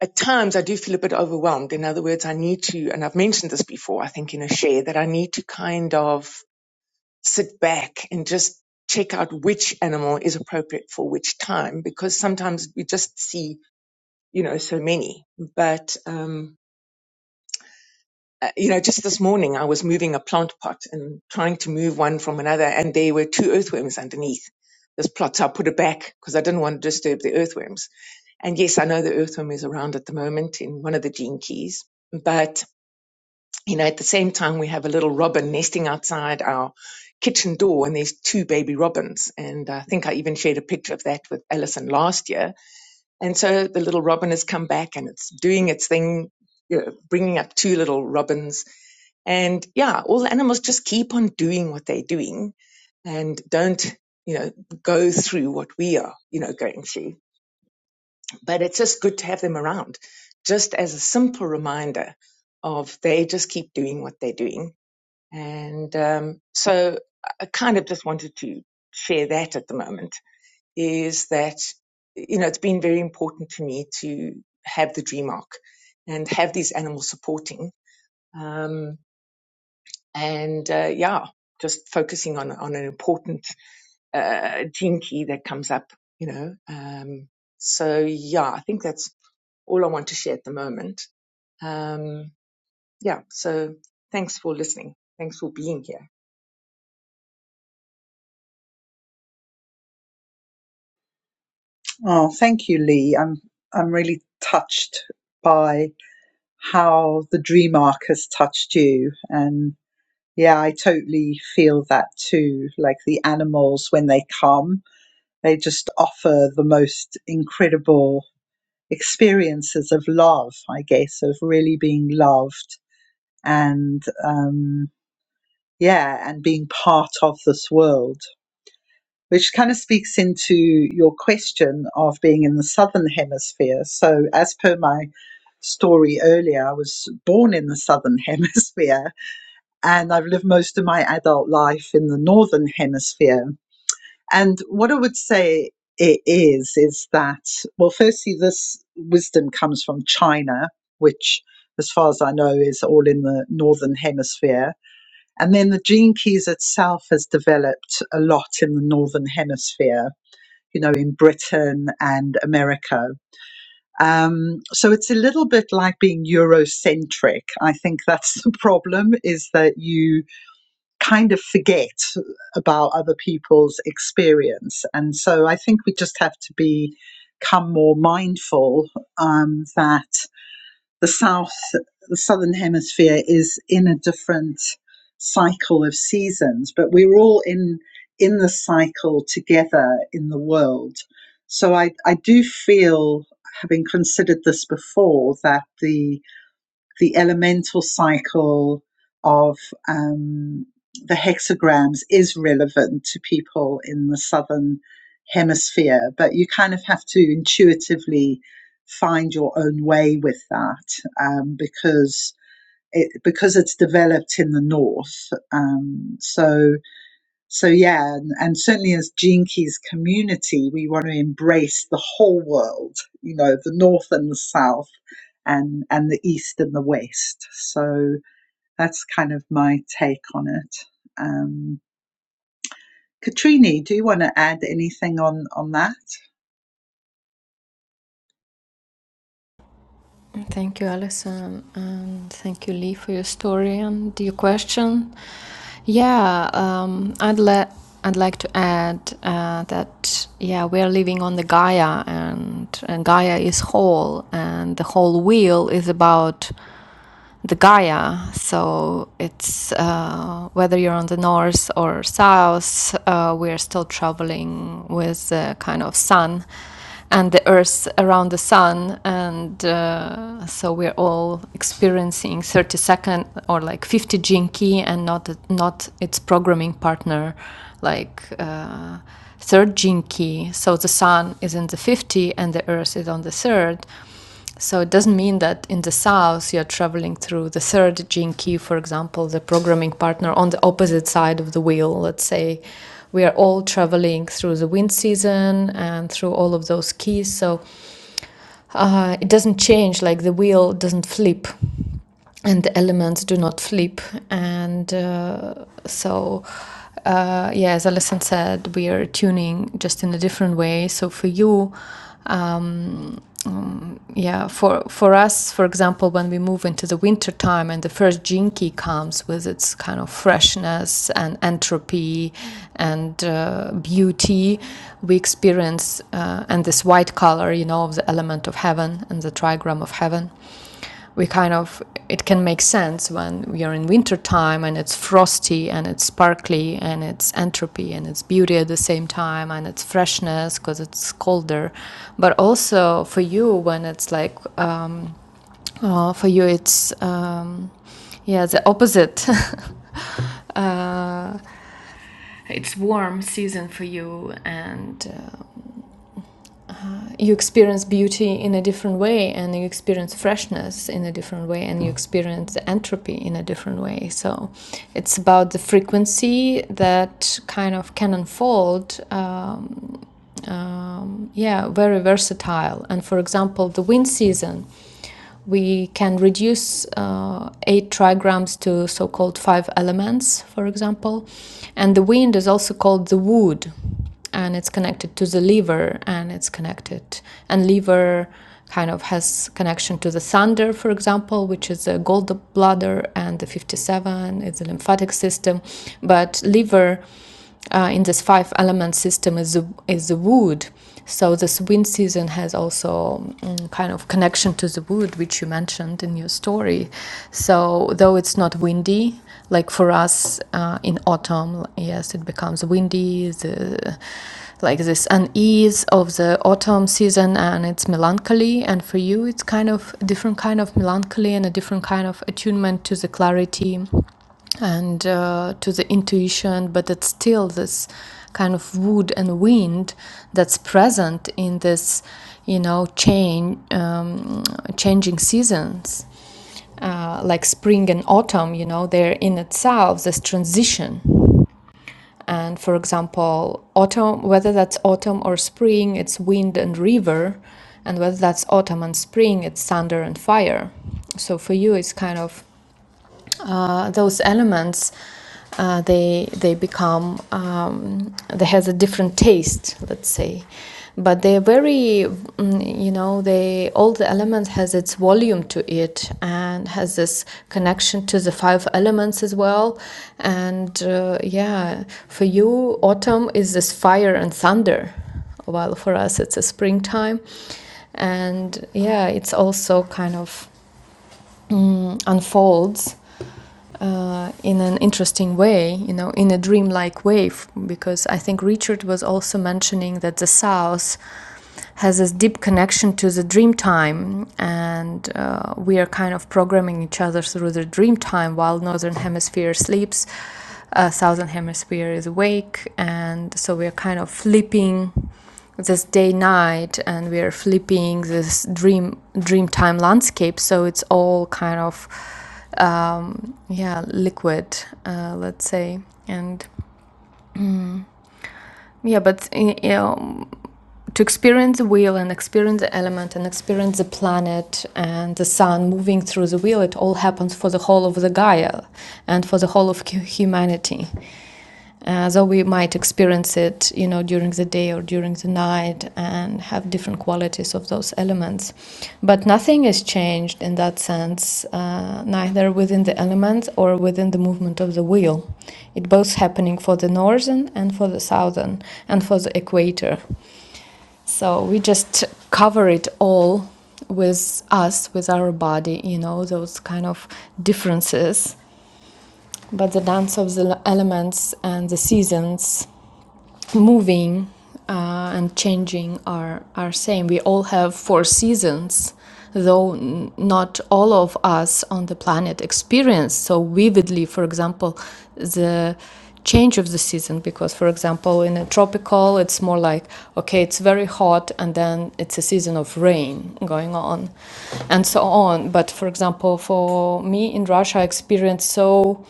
at times I do feel a bit overwhelmed. In other words, I need to, and I've mentioned this before, I think in a share that I need to kind of sit back and just check out which animal is appropriate for which time because sometimes we just see you know, so many. But, um, uh, you know, just this morning I was moving a plant pot and trying to move one from another, and there were two earthworms underneath this plot. So I put it back because I didn't want to disturb the earthworms. And yes, I know the earthworm is around at the moment in one of the gene keys. But, you know, at the same time, we have a little robin nesting outside our kitchen door, and there's two baby robins. And I think I even shared a picture of that with Alison last year And so the little robin has come back and it's doing its thing, you know, bringing up two little robins. And yeah, all the animals just keep on doing what they're doing and don't, you know, go through what we are, you know, going through. But it's just good to have them around, just as a simple reminder of they just keep doing what they're doing. And um, so I I kind of just wanted to share that at the moment is that you know it's been very important to me to have the dream arc and have these animals supporting um, and uh, yeah just focusing on on an important uh, gene key that comes up you know um, so yeah i think that's all i want to share at the moment um, yeah so thanks for listening thanks for being here Oh, thank you, Lee. I'm I'm really touched by how the dream arc has touched you, and yeah, I totally feel that too. Like the animals when they come, They just offer the most incredible experiences of love, I guess, of really being loved and, um, yeah, and being part of this world, which kind of speaks into your question of being in the Southern Hemisphere. So, as per my story earlier, I was born in the Southern Hemisphere and I've lived most of my adult life in the Northern Hemisphere. And what I would say it is, is that, well, firstly, this wisdom comes from China, which, as far as I know, is all in the Northern Hemisphere. And then the gene keys itself has developed a lot in the Northern Hemisphere, you know, in Britain and America. Um, so it's a little bit like being Eurocentric. I think that's the problem is that you kind of forget about other people's experience. And so I think we just have to be become more mindful um, that the South, the Southern Hemisphere is in a different cycle of seasons, but we're all in in the cycle together in the world. So I, I do feel, having considered this before, that the the elemental cycle of um, the hexagrams is relevant to people in the southern hemisphere, but you kind of have to intuitively find your own way with that um, because it because it's developed in the north. Um, so so yeah, and, and certainly as Gene Keys community, we want to embrace the whole world, you know, the north and the south and and the east and the west. So that's kind of my take on it. Um Katrini, do you want to add anything on on that? And Thank you, Alison, and thank you, Lee, for your story and your question. Yeah, um, I'd le- I'd like to add uh, that yeah, we are living on the Gaia, and, and Gaia is whole, and the whole wheel is about the Gaia. So it's uh, whether you're on the north or south, uh, we are still traveling with the kind of sun and the earth around the sun. And uh, so we're all experiencing 30 second or like 50 Jinki and not, not its programming partner, like. Uh, Third jinki, so the sun is in the 50 and the earth is on the third so it doesn't mean that in the south you're traveling through the third gene key, for example, the programming partner on the opposite side of the wheel. Let's say we are all traveling through the wind season and through all of those keys. So uh, it doesn't change, like the wheel doesn't flip and the elements do not flip. And uh, so, uh, yeah, as Alison said, we are tuning just in a different way. So for you, yeah for for us for example when we move into the winter time and the first jinki comes with its kind of freshness and entropy and uh, beauty we experience uh, and this white color you know of the element of heaven and the trigram of heaven we kind of it can make sense when we are in winter time and it's frosty and it's sparkly and it's entropy and it's beauty at the same time and it's freshness because it's colder but also for you when it's like um, uh, for you it's um, yeah the opposite uh, it's warm season for you and uh, you experience beauty in a different way and you experience freshness in a different way and you experience entropy in a different way so it's about the frequency that kind of can unfold um, um, yeah, very versatile. And for example, the wind season, we can reduce uh, eight trigrams to so called five elements, for example. And the wind is also called the wood, and it's connected to the liver, and it's connected, and liver kind of has connection to the thunder, for example, which is the gallbladder, and the 57 is the lymphatic system. But liver, uh, in this five element system is the, is the wood. So this wind season has also mm, kind of connection to the wood, which you mentioned in your story. So though it's not windy, like for us uh, in autumn, yes, it becomes windy. The, like this unease of the autumn season and it's melancholy and for you it's kind of a different kind of melancholy and a different kind of attunement to the clarity and uh, to the intuition, but it's still this kind of wood and wind that's present in this, you know, change, um, changing seasons, uh, like spring and autumn. You know, they're in itself this transition. And for example, autumn, whether that's autumn or spring, it's wind and river, and whether that's autumn and spring, it's thunder and fire. So for you, it's kind of uh, those elements uh, they they become um, they has a different taste let's say but they're very mm, you know they all the elements has its volume to it and has this connection to the five elements as well and uh, yeah for you autumn is this fire and thunder while for us it's a springtime and yeah it's also kind of mm, unfolds uh, in an interesting way, you know, in a dreamlike way, because I think Richard was also mentioning that the South has this deep connection to the dream time, and uh, we are kind of programming each other through the dream time while Northern Hemisphere sleeps, uh, Southern Hemisphere is awake, and so we are kind of flipping this day night and we are flipping this dream dream time landscape so it's all kind of um, yeah liquid uh, let's say and yeah but you know to experience the wheel and experience the element and experience the planet and the sun moving through the wheel, it all happens for the whole of the Gaia and for the whole of humanity. Uh, though we might experience it, you know, during the day or during the night and have different qualities of those elements. But nothing is changed in that sense, uh, neither within the elements or within the movement of the wheel. It both happening for the northern and for the southern and for the equator. So we just cover it all with us, with our body, you know, those kind of differences. But the dance of the elements and the seasons moving uh, and changing are are same. We all have four seasons, though n- not all of us on the planet experience so vividly. For example, the change of the season because for example in a tropical it's more like okay it's very hot and then it's a season of rain going on and so on but for example for me in russia i experienced so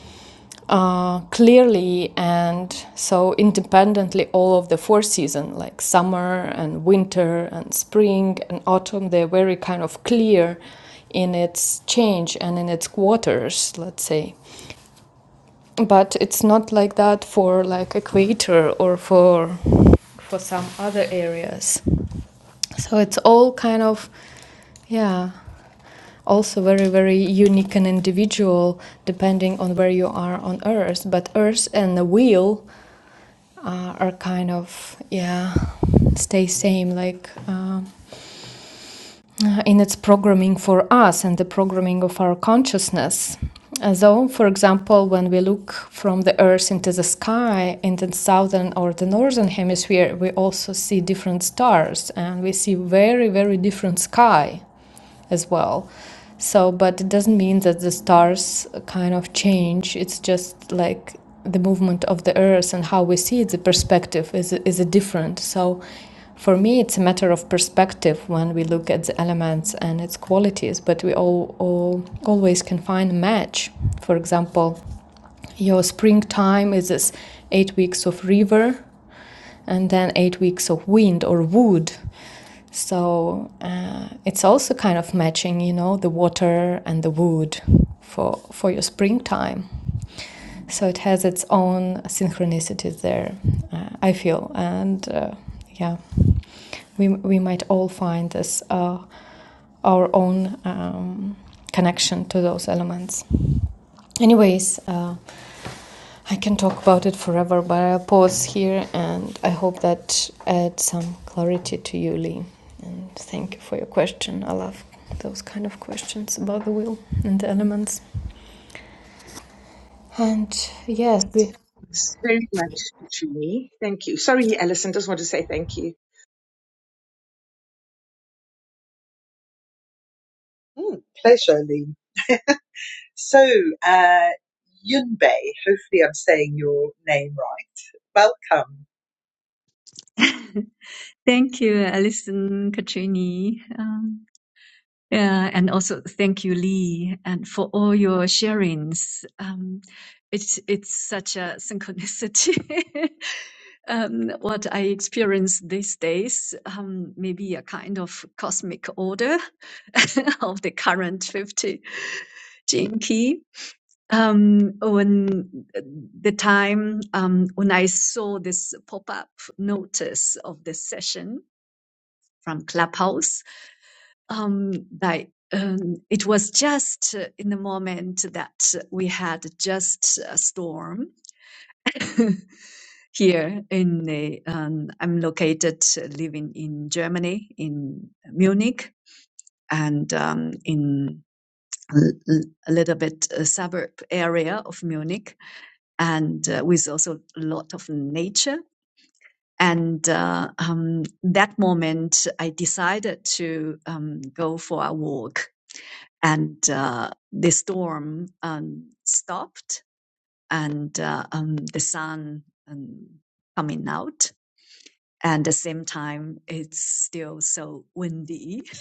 uh, clearly and so independently all of the four seasons like summer and winter and spring and autumn they're very kind of clear in its change and in its quarters let's say but it's not like that for like equator or for for some other areas so it's all kind of yeah also very very unique and individual depending on where you are on earth but earth and the wheel uh, are kind of yeah stay same like uh, in its programming for us and the programming of our consciousness and so, for example, when we look from the Earth into the sky in the southern or the northern hemisphere, we also see different stars and we see very, very different sky as well. So, but it doesn't mean that the stars kind of change. It's just like the movement of the earth and how we see it, the perspective is, is different. So, for me, it's a matter of perspective when we look at the elements and its qualities, but we all, all always can find a match. For example, your springtime is this eight weeks of river and then eight weeks of wind or wood. So uh, it's also kind of matching, you know, the water and the wood for for your springtime. So it has its own synchronicities there, uh, I feel, and uh, yeah, we we might all find this uh, our own um, connection to those elements. Anyways, uh, I can talk about it forever, but I'll pause here and I hope that adds some clarity to you, Lee. And thank you for your question. I love those kind of questions about the will and the elements. And yes, we Thanks very much to me thank you sorry alison just want to say thank you Mm, pleasure, Lee. So uh Yunbei, hopefully I'm saying your name right. Welcome. Thank you, Alison, Katrini, um, yeah, and also thank you, Lee, and for all your sharings. Um, it's it's such a synchronicity. um, what I experience these days, um, maybe a kind of cosmic order of the current fifty jinki. Um, on the time um, when I saw this pop-up notice of this session from Clubhouse, um, by, um, it was just uh, in the moment that we had just a storm here in the, um, I'm located, uh, living in Germany, in Munich, and um, in a a little bit uh suburb area of Munich and uh, with also a lot of nature. And uh, um, that moment, I decided to um, go for a walk, and uh, the storm um, stopped, and uh, um, the sun um, coming out, and at the same time, it's still so windy.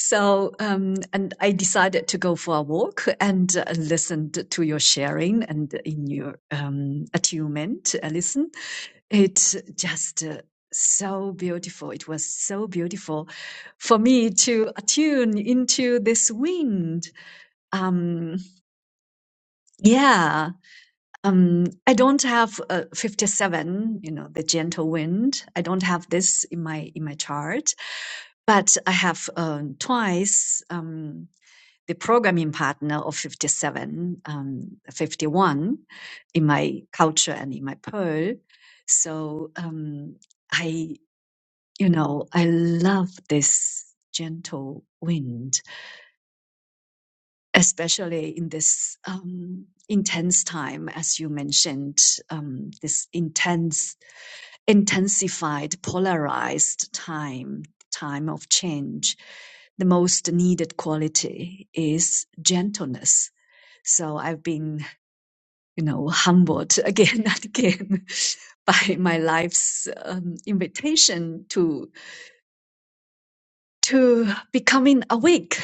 So, um, and I decided to go for a walk and uh, listened to your sharing and in your um, attunement, uh, listen. It's just uh, so beautiful. It was so beautiful for me to attune into this wind. Um, yeah. Um, I don't have uh, 57, you know, the gentle wind. I don't have this in my in my chart, but I have um, twice um, the programming partner of 57, um, 51 in my culture and in my pearl. So um, I you know, I love this gentle wind, especially in this um, intense time, as you mentioned, um, this intense, intensified, polarized time, time of change. The most needed quality is gentleness. So I've been, you know, humbled again and again by my life's um, invitation to to becoming awake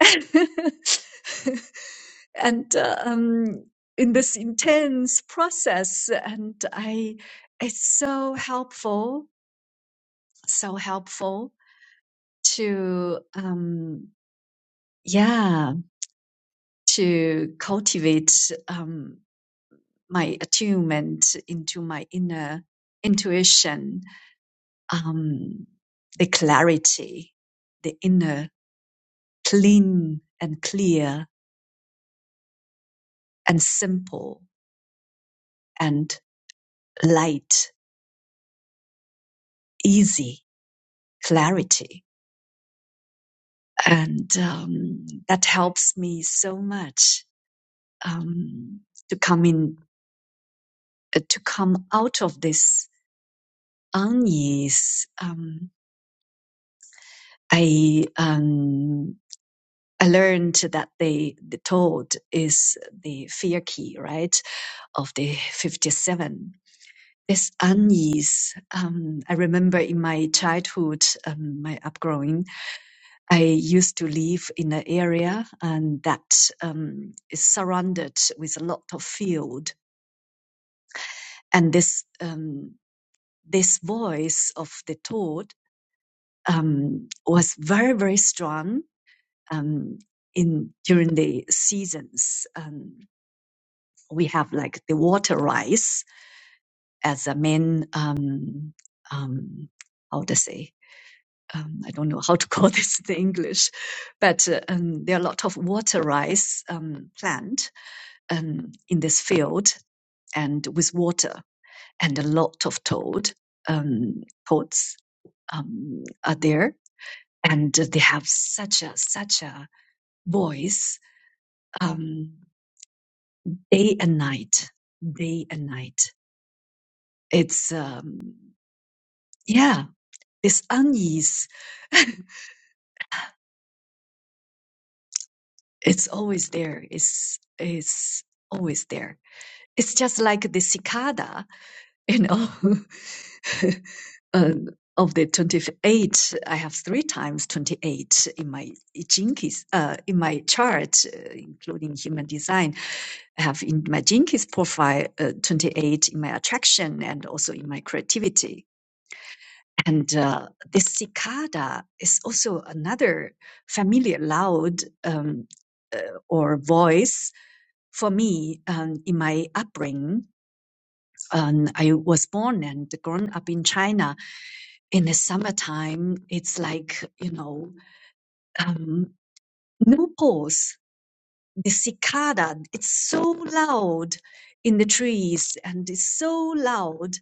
and uh, um, in this intense process, and I, it's so helpful, so helpful to, um, yeah, to cultivate um, my attunement into my inner intuition, um, the clarity, the inner clean and clear and simple and light easy clarity. And um, that helps me so much um, to come in, uh, to come out of this unease. Um, I um, I learned that the the toad is the fear key, right? of the 57. This unease, um, I remember in my childhood, um, my upbringing, I used to live in an area and that um, is surrounded with a lot of field, and this um, this voice of the toad um, was very very strong um, in during the seasons. Um, we have like the water rice as a main um, um, how to say. Um, I don't know how to call this in English, but uh, um, there are a lot of water rice um, plant um, in this field and with water and a lot of toad um, pods um, are there and they have such a such a voice um, day and night day and night it's um, yeah this unease it's always there it's it's always there it's just like the cicada you know uh, of the 28, I have three times 28 in my Jenkins, uh, in my chart, uh, including human design. I have in my Jenkins profile uh, 28 in my attraction and also in my creativity. And uh, this cicada is also another familiar loud um, uh, or voice for me um, in my upbringing um, I was born and grown up in China. In the summertime, it's like, you know, um, no pause. the cicada, it's so loud in the trees and it's so loud.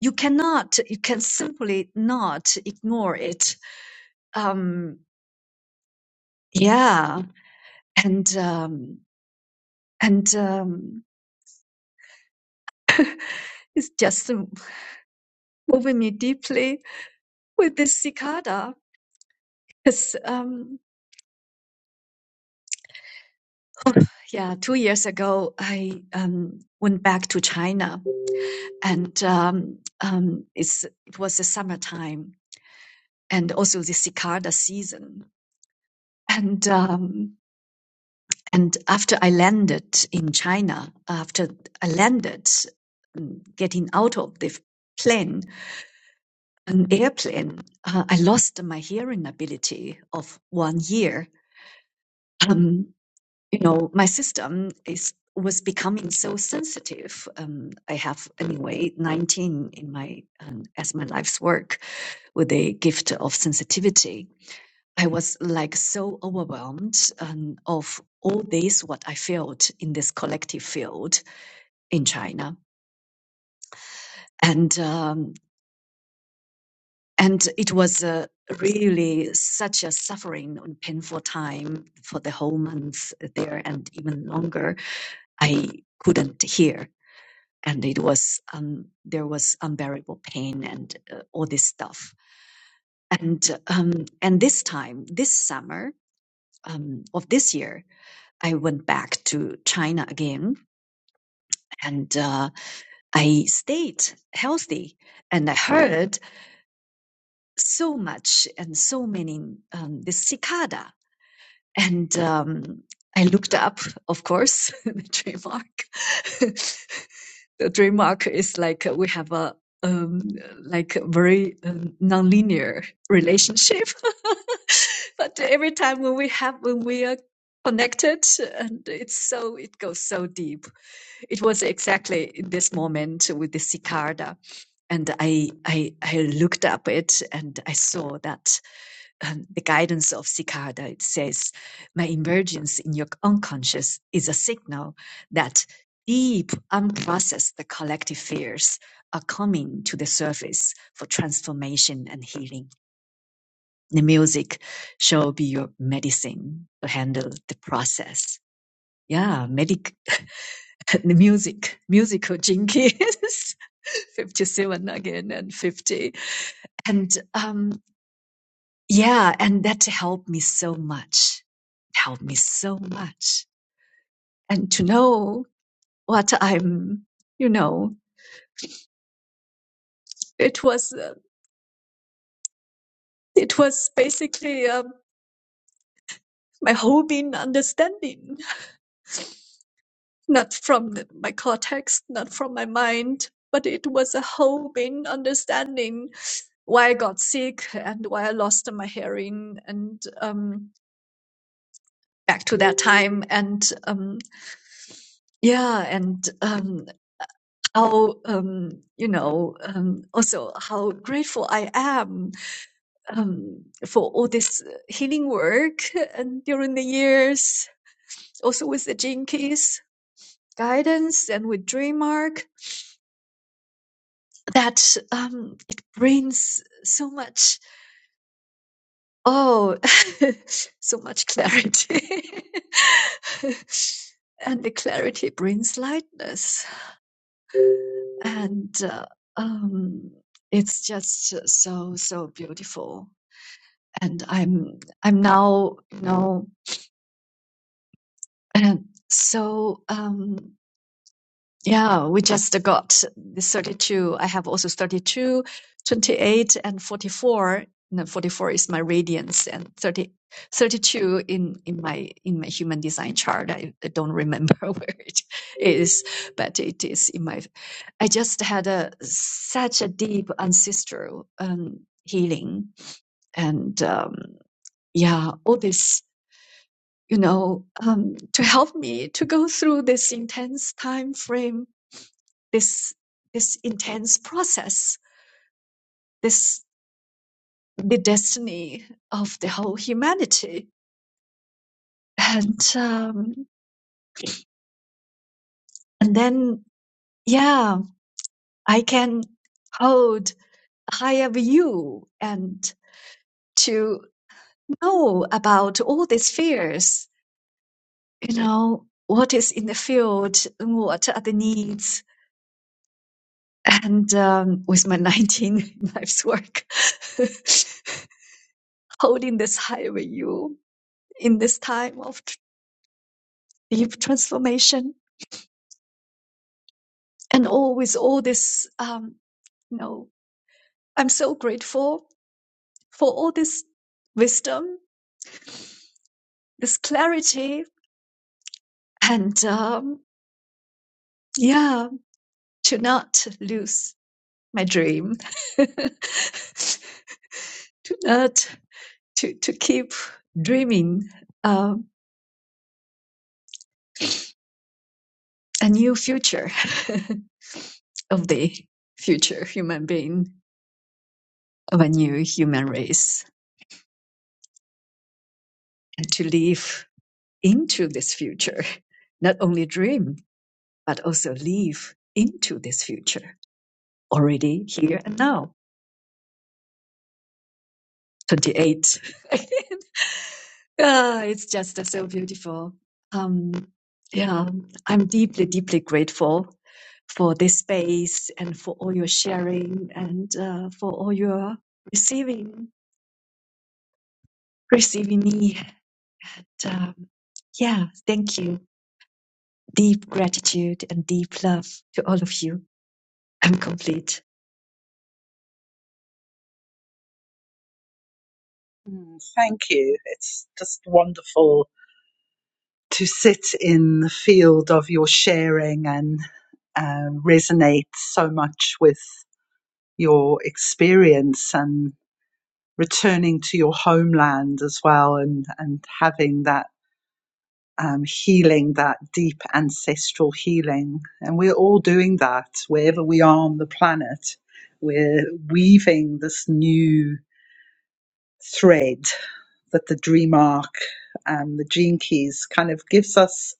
You cannot, you can simply not ignore it. Um, yeah. And, um, and, um, it's just moving me deeply with this cicada. Because um, Yeah, two years ago, I um, went back to China, and um, um, it's, it was the summertime and also the cicada season. And um, and after I landed in China, after I landed, um, getting out of the plane, an airplane, uh, I lost my hearing ability of one year. Um, you know my system is was becoming so sensitive um, i have anyway 19 in my um, as my life's work with a gift of sensitivity i was like so overwhelmed um, of all this what i felt in this collective field in china and um, and it was a really such a suffering and painful time for the whole month there and even longer i couldn't hear and it was um, there was unbearable pain and uh, all this stuff. And um, and this time, this summer um, of this year, I went back to China again, and uh, I stayed healthy, and I heard so much and so many um, this cicada. And um, I looked up, of course, the trademark. the trademark is like we have a um, like a very um, nonlinear relationship. but every time when we have when we are connected, and it's so it goes so deep. It was exactly in this moment with the cicada, and I I I looked up it and I saw that um, the guidance of Cicada, it says, my emergence in your unconscious is a signal that deep, unprocessed, the collective fears are coming to the surface for transformation and healing. The music shall be your medicine to handle the process. Yeah, medic, the music, musical jinkies, 57 again and 50. And, um, Yeah, and that helped me so much. Helped me so much. And to know what I'm, you know, it was, uh, it was basically uh, my whole being understanding, not from the- my cortex, not from my mind, but it was a whole being understanding why I got sick and why I lost my hearing and, um, back to that time and, um, yeah, and, Um, how um, you know um, also how grateful I am um, for all this uh, healing work and during the years, also with the Jinkies guidance and with DreamArk that um, it brings so much oh so much clarity and the clarity brings lightness and uh, um, it's just so so beautiful and I'm I'm now you know so um yeah we just got the 32 I have also 32 28 and 44 no, 44 is my radiance and 30 32 in in my in my human design chart I, I don't remember where it is but it is in my I just had a such a deep ancestral um healing and um yeah all this you know, um, to help me to go through this intense time frame, this this intense process, this the destiny of the whole humanity, and um, and then yeah, I can hold a higher view and to know about all these fears, you know, what is in the field, what are the needs, and um, with my 19 life's work, holding this high with you in this time of tr- deep transformation, and all with all this, um, you know, I'm so grateful for all this wisdom, this clarity, and um, yeah, to not lose my dream, to not to to keep dreaming um, a new future. of the future human being of a new human race and to live into this future not only dream but also live into this future already here and now 28 ah, it's just uh, so beautiful um yeah i'm deeply deeply grateful for this space and for all your sharing and uh, for all your receiving receiving me um, yeah, thank you. Deep gratitude and deep love to all of you. I'm complete. Mm, Thank you. It's just wonderful to sit in the field of your sharing and uh, resonate so much with your experience and returning to your homeland as well and, and having that um, healing, that deep ancestral healing. And we're all doing that wherever we are on the planet. We're weaving this new thread that the dream arc, um, the gene keys kind of gives us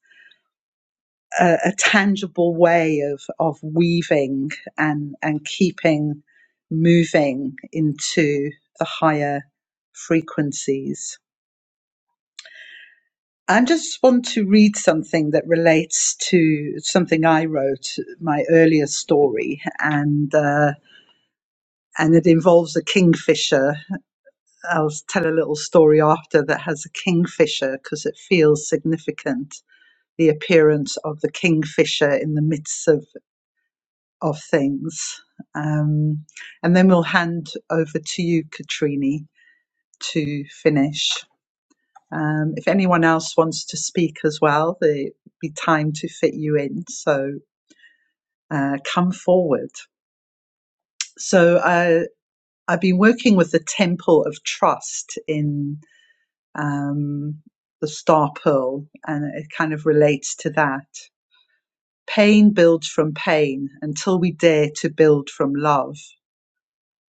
a, a tangible way of of weaving and and keeping moving into the higher frequencies. I just want to read something that relates to something I wrote, my earlier story, and uh, and it involves a kingfisher. I'll tell a little story after that has a kingfisher because it feels significant. The appearance of the kingfisher in the midst of of things. Um, and then we'll hand over to you, Katrini, to finish. Um, if anyone else wants to speak as well, there'll be time to fit you in. So uh, come forward. So uh, I've been working with the Temple of Trust in um, the Star Pearl, and it kind of relates to that. Pain builds from pain until we dare to build from love.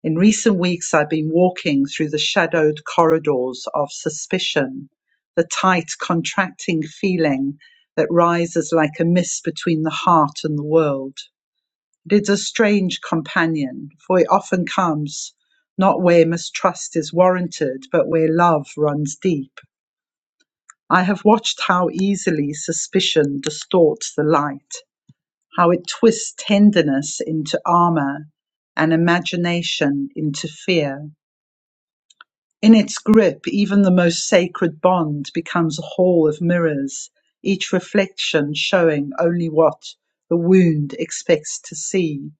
In recent weeks I've been walking through the shadowed corridors of suspicion, the tight, contracting feeling that rises like a mist between the heart and the world. It is a strange companion, for it often comes not where mistrust is warranted, but where love runs deep. I have watched how easily suspicion distorts the light, how it twists tenderness into armor and imagination into fear. In its grip even the most sacred bond becomes a hall of mirrors, each reflection showing only what the wound expects to see.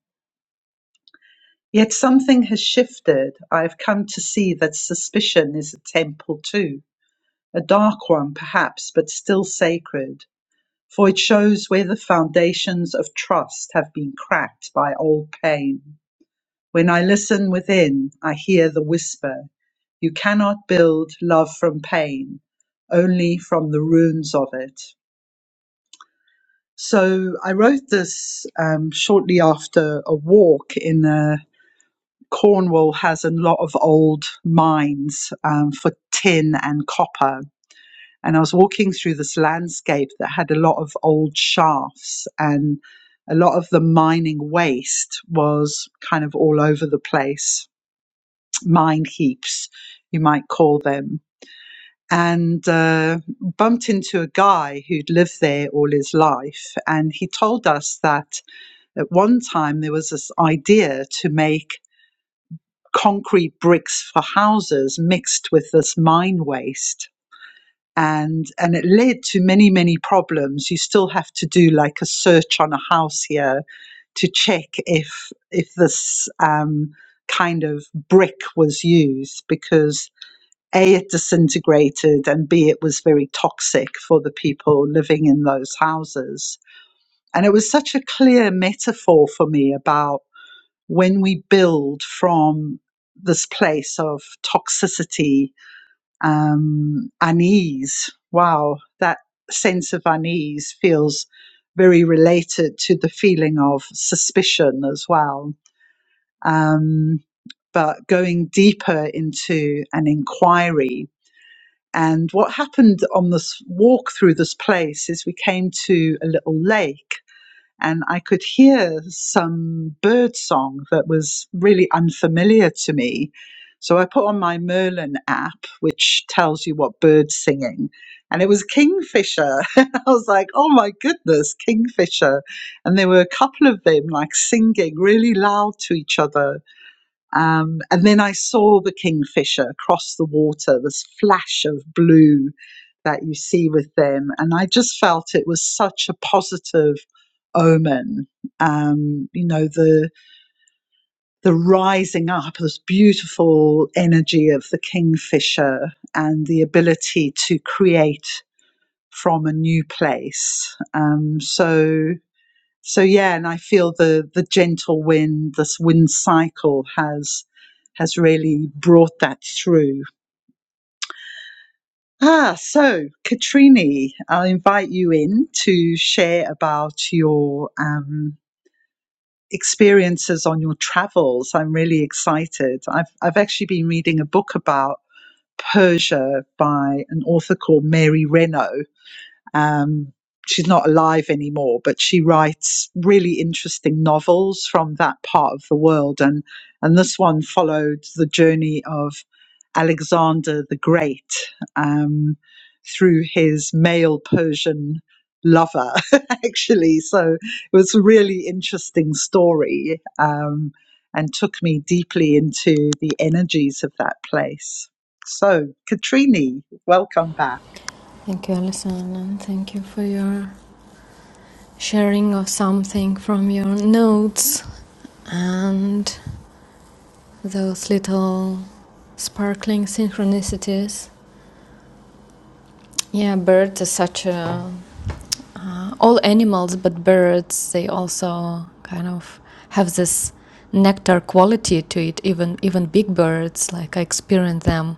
Yet something has shifted. I have come to see that suspicion is a temple too, a dark one perhaps, but still sacred, for it shows where the foundations of trust have been cracked by old pain. When I listen within, I hear the whisper You cannot build love from pain, only from the ruins of it. So I wrote this um, shortly after a walk in a Cornwall has a lot of old mines um, for tin and copper. And I was walking through this landscape that had a lot of old shafts, and a lot of the mining waste was kind of all over the place mine heaps, you might call them, and uh, bumped into a guy who'd lived there all his life. And he told us that at one time there was this idea to make concrete bricks for houses mixed with this mine waste. And, and it led to many, many problems. You still have to do like a search on a house here to check if, if this um, kind of brick was used because A, it disintegrated, and B, it was very toxic for the people living in those houses. And it was such a clear metaphor for me about when we build from this place of toxicity, um, unease. Wow, that sense of unease feels very related to the feeling of suspicion as well. Um, but going deeper into an inquiry and what happened on this walk through this place is we came to a little lake and I could hear some bird song that was really unfamiliar to me. So I put on my Merlin app, which tells you what bird's singing, and it was Kingfisher. And I was like, oh my goodness, Kingfisher. And there were a couple of them like singing really loud to each other um, and then I saw the kingfisher across the water, this flash of blue that you see with them. And I just felt it was such a positive omen. Um, you know, the, the rising up, this beautiful energy of the kingfisher and the ability to create from a new place. Um, so, so yeah, and I feel the the gentle wind, this wind cycle has has really brought that through. Ah, so Katrini, I'll invite you in to share about your um, experiences on your travels. I'm really excited. I've I've actually been reading a book about Persia by an author called Mary Renault, Um, she's not alive anymore, but she writes really interesting novels from that part of the world. And, and this one followed the journey of Alexander the Great um, through his male Persian lover, actually. So it was a really interesting story um, and took me deeply into the energies of that place. So, Katrini, welcome back. thank you, Alison, and thank you for your sharing of something from your notes and those little sparkling synchronicities. Yeah, birds are such a all animals but birds they also kind of have this nectar quality to it even even big birds like i experience them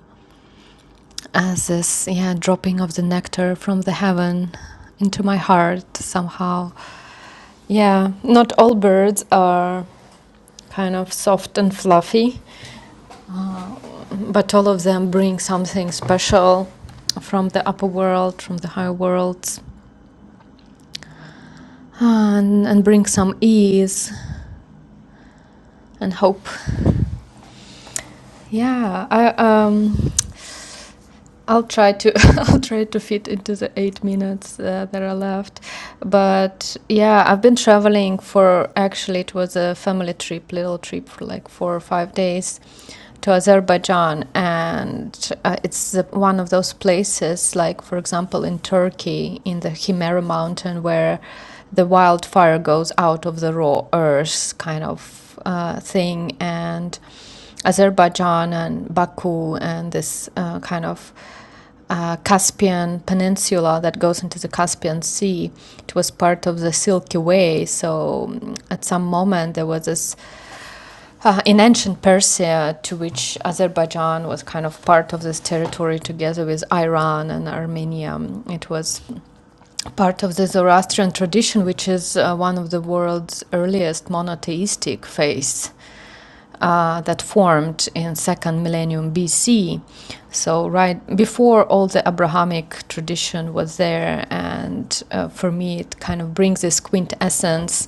as this yeah dropping of the nectar from the heaven into my heart somehow yeah not all birds are kind of soft and fluffy but all of them bring something special from the upper world from the higher worlds and, and bring some ease and hope Yeah, I um I'll try to I'll try to fit into the 8 minutes uh, that are left. But yeah, I've been traveling for actually it was a family trip, little trip for like 4 or 5 days to Azerbaijan, and uh, it's one of those places, like for example in Turkey, in the Himera Mountain, where the wildfire goes out of the raw earth kind of uh, thing, and Azerbaijan and Baku and this uh, kind of uh, Caspian Peninsula that goes into the Caspian Sea. It was part of the Silky Way. So mm, at some moment there was this uh, in ancient Persia, to which Azerbaijan was kind of part of this territory together with Iran and Armenia, um, it was part of the Zoroastrian tradition, which is uh, one of the world's earliest monotheistic faiths uh, that formed in second millennium BC. So right before all the Abrahamic tradition was there, and uh, for me it kind of brings this quintessence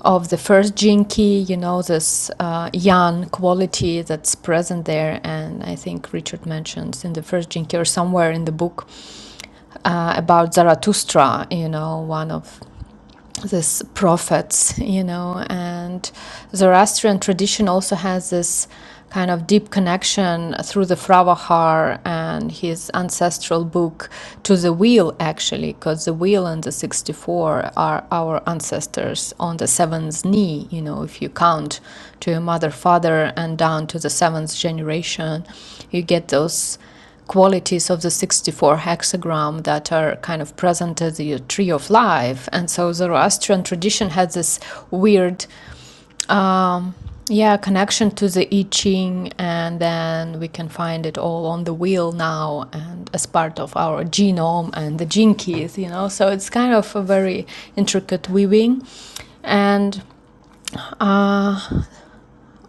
of the first jinki, you know, this uh, yan quality that's present there, and I think Richard mentions in the first jinki or somewhere in the book uh, about Zarathustra, you know, one of this prophets, you know, and Zoroastrian tradition also has this kind of deep connection through the Fravahar and his ancestral book to the wheel, actually, because the wheel and the 64 are our ancestors on the seventh knee, you know, if you count to your mother, father, and down to the seventh generation, you get those qualities of the 64 hexagram that are kind of present as the tree of life. And so Zoroastrian tradition has this weird, um, yeah, connection to the I Ching, and then we can find it all on the wheel now and as part of our genome and the gene keys, you know. So it's kind of a very intricate weaving. And uh,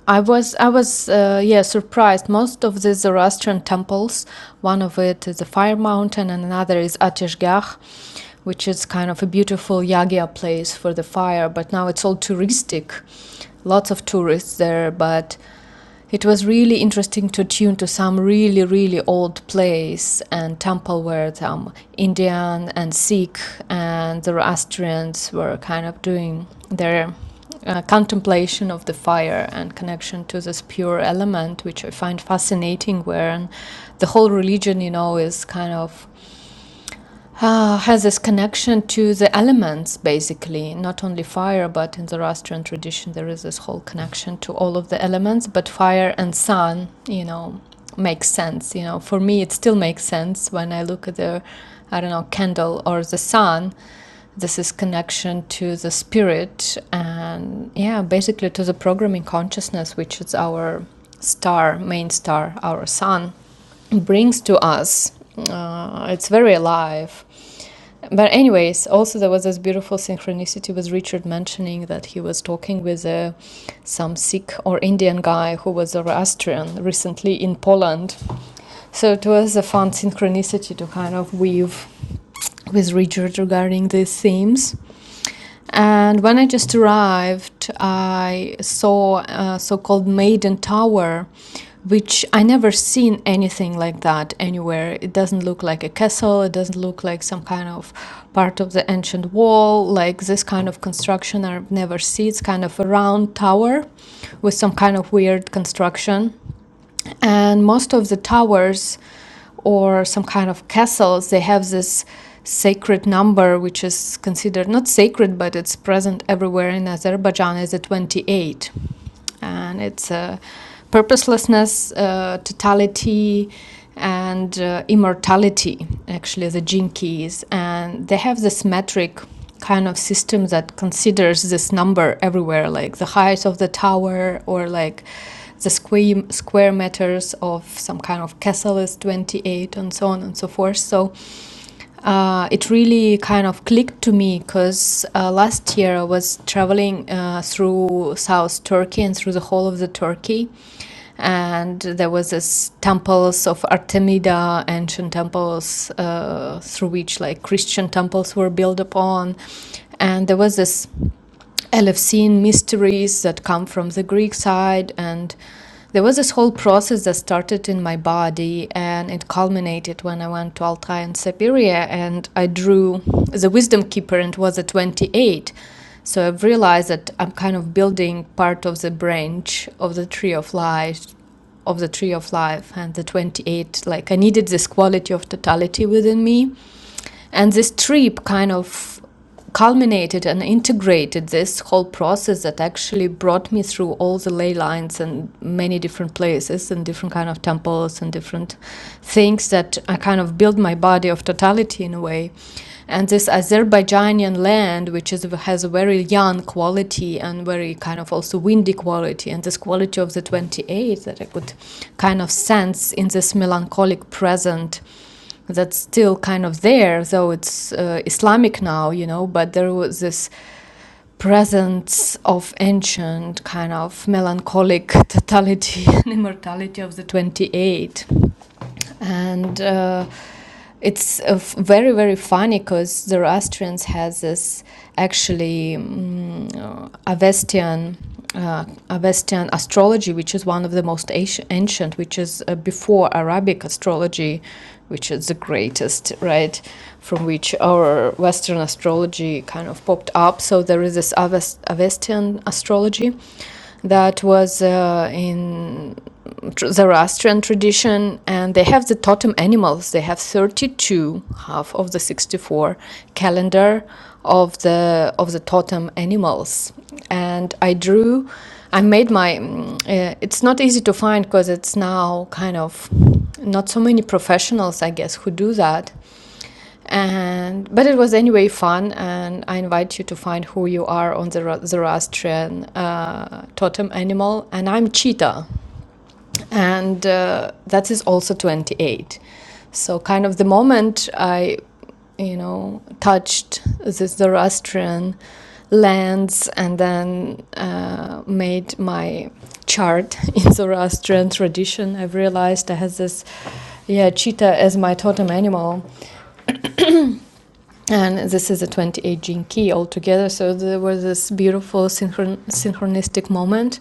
I was I was uh, yeah surprised. Most of the Zoroastrian temples, one of it is the Fire Mountain, and another is Ateshgah, which is kind of a beautiful yagya place for the fire. But now it's all touristic, lots of tourists there. But it was really interesting to tune to some really really old plays and temple where some indian and sikh and the zoroastrians were kind of doing their uh, contemplation of the fire and connection to this pure element which i find fascinating where the whole religion you know is kind of uh, has this connection to the elements, basically, not only fire, but in the Zoroastrian tradition, there is this whole connection to all of the elements. But fire and sun, you know, makes sense. You know, for me, it still makes sense when I look at the, I don't know, candle or the sun. This is connection to the spirit and, yeah, basically to the programming consciousness, which is our star, main star, our sun brings to us. Uh, it's very alive. But anyways, also there was this beautiful synchronicity with Richard mentioning that he was talking with uh, some Sikh or Indian guy who was Zoroastrian recently in Poland so it was a fun synchronicity to kind of weave with Richard regarding these themes. And when I just arrived, I saw a so-called Maiden Tower, which I never seen anything like that anywhere. It doesn't look like a castle. It doesn't look like some kind of part of the ancient wall. Like this kind of construction, I've never seen. It's kind of a round tower with some kind of weird construction and most of the towers or some kind of castles they have this sacred number which is considered not sacred but it's present everywhere in azerbaijan is a 28 and it's a purposelessness uh, totality and uh, immortality actually the gene keys and they have this metric kind of system that considers this number everywhere like the height of the tower or like the square, square meters of some kind of castle is 28 and so on and so forth. So uh, it really kind of clicked to me because uh, last year I was traveling uh, through South Turkey and through the whole of the Turkey, and there was this temples of Artemida, ancient temples uh, through which like Christian temples were built upon, and there was this and I've seen mysteries that come from the Greek side. And there was this whole process that started in my body and it culminated when I went to Altai and Siberia and I drew the Wisdom Keeper and it was a 28. So I've realized that I'm kind of building part of the branch of the tree of life of the tree of life and the 28 like i needed this quality of totality within me and this trip kind of culminated and integrated this whole process that actually brought me through all the ley lines and many different places and different kind of temples and different things that I kind of built my body of totality in a way. And this Azerbaijani land, which is has a very young quality and very kind of also windy quality, and this quality of the 28 that I could kind of sense in this melancholic present that's still kind of there, though it's uh, Islamic now, you know, but there was this presence of ancient kind of melancholic totality and immortality of the 28 and uh, it's uh, f- very very funny because the Zoroastrians has this actually um, uh, Avestian. Uh, Avestian astrology, which is one of the most ancient, ancient which is uh, before Arabic astrology, which is the greatest, right? From which our Western astrology kind of popped up. So there is this Avest- Avestian astrology, that was uh, in tr- Zoroastrian tradition, and they have the totem animals. They have 32, half of the 64 calendar of the of the totem animals, and I drew. I made my. mm, Uh, it's not easy to find because it's now kind of not so many professionals, I guess, who do that and but it was anyway fun and i invite you to find who you are on the zoroastrian uh, totem animal and i'm cheetah and uh, that is also 28 so kind of the moment i you know touched the zoroastrian lands and then uh, made my chart in zoroastrian tradition i've realized i had this yeah cheetah as my totem animal and this is a 28 gene key altogether so there was this beautiful synchron- synchronistic moment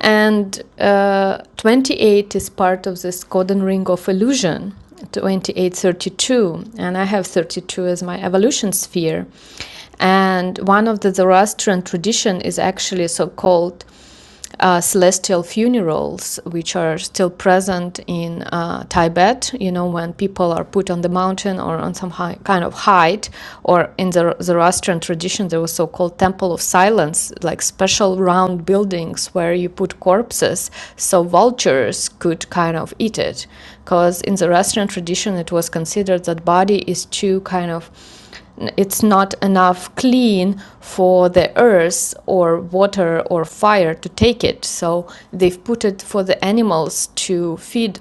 and uh, 28 is part of this codon ring of illusion 2832 and i have 32 as my evolution sphere and one of the zoroastrian tradition is actually so-called uh, celestial funerals, which are still present in uh, Tibet, you know, when people are put on the mountain or on some high, kind of height, or in the Zoroastrian tradition, there was so called temple of silence, like special round buildings where you put corpses so vultures could kind of eat it. Because in the Zoroastrian tradition, it was considered that body is too kind of it's not enough clean for the earth or water or fire to take it. So they've put it for the animals to feed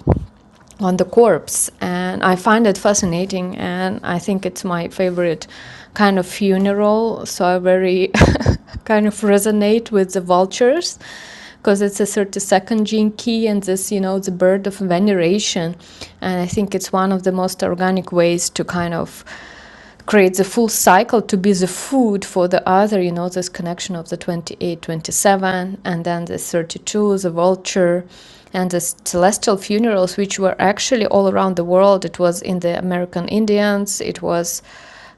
on the corpse. And I find it fascinating. And I think it's my favorite kind of funeral. So I very kind of resonate with the vultures because it's a 32nd gene key and this you know the bird of veneration and i think it's one of the most organic ways to kind of creates a full cycle to be the food for the other you know this connection of the 28, 27, and then the 32 the vulture and the celestial funerals which were actually all around the world it was in the american indians it was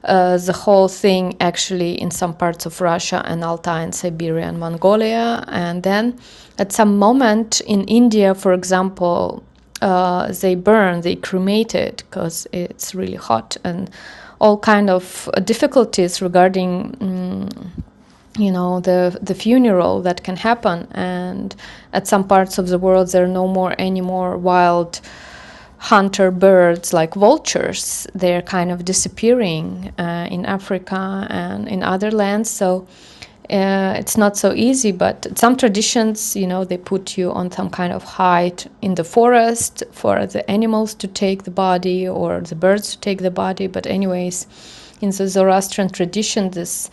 uh, the whole thing actually in some parts of Russia and Altai and Siberia and Mongolia. And then at some moment in India, for example, uh, they burn, they cremate it because it's really hot and all kind of difficulties regarding um, you know the the funeral that can happen and at some parts of the world there are no more any more wild hunter birds like vultures they're kind of disappearing uh, in africa and in other lands so uh, it's not so easy but some traditions you know they put you on some kind of hide in the forest for the animals to take the body or the birds to take the body but anyways in the zoroastrian tradition this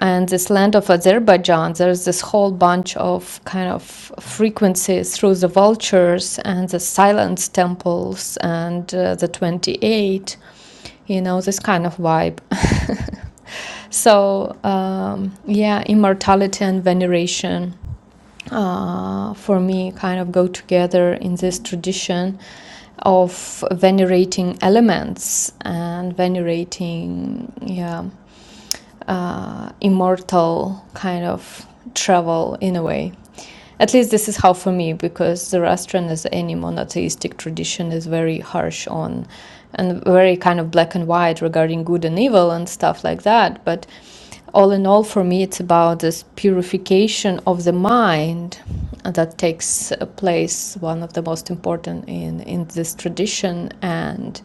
and this land of Azerbaijan, there's this whole bunch of kind of frequencies through the vultures and the silence temples and uh, the 28, you know, this kind of vibe. so, um, yeah, immortality and veneration uh, for me kind of go together in this tradition of venerating elements and venerating, yeah uh, immortal kind of travel in a way. At least this is how for me, because Zoroastrian, as any monotheistic tradition, is very harsh on and very kind of black and white regarding good and evil and stuff like that. But all in all, for me, it's about this purification of the mind that takes uh, place, one of the most important in, in this tradition. And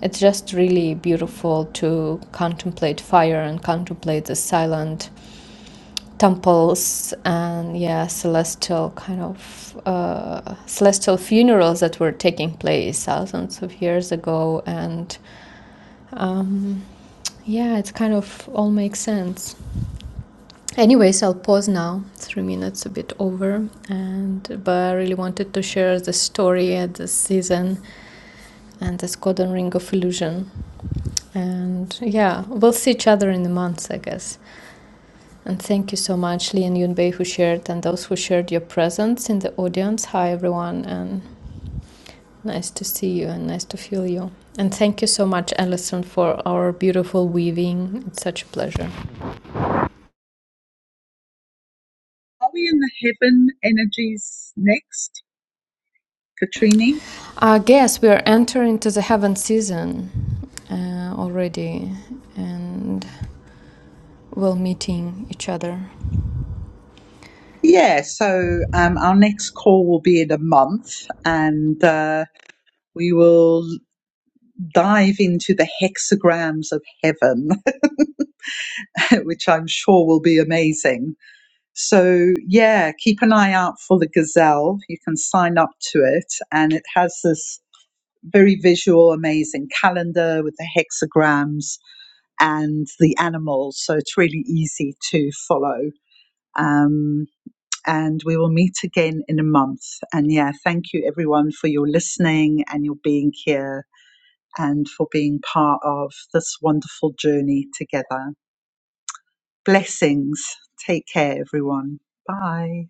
it's just really beautiful to contemplate fire and contemplate the silent temples and yeah, celestial kind of uh, celestial funerals that were taking place thousands of years ago and um, yeah, it kind of all makes sense. Anyways, I'll pause now. Three minutes a bit over, and but I really wanted to share the story at this season and this golden ring of illusion And yeah, we'll see each other in the months, I guess. And thank you so much, Lee and Yunbei, who shared, and those who shared your presence in the audience. Hi, everyone, and nice to see you and nice to feel you. And thank you so much, Alison, for our beautiful weaving. It's such a pleasure. Are we in the heaven energies next, Katrini? I guess we are entering to the heaven season uh, already, and we'll meeting each other Yeah, so um, our next call will be in a month, and uh, we will dive into the hexagrams of heaven, which I'm sure will be amazing. So, yeah, keep an eye out for the gazelle. You can sign up to it, and it has this very visual, amazing calendar with the hexagrams and the animals. So, it's really easy to follow. Um, and we will meet again in a month. And yeah, thank you everyone for your listening and your being here and for being part of this wonderful journey together. Blessings. Take care, everyone. Bye.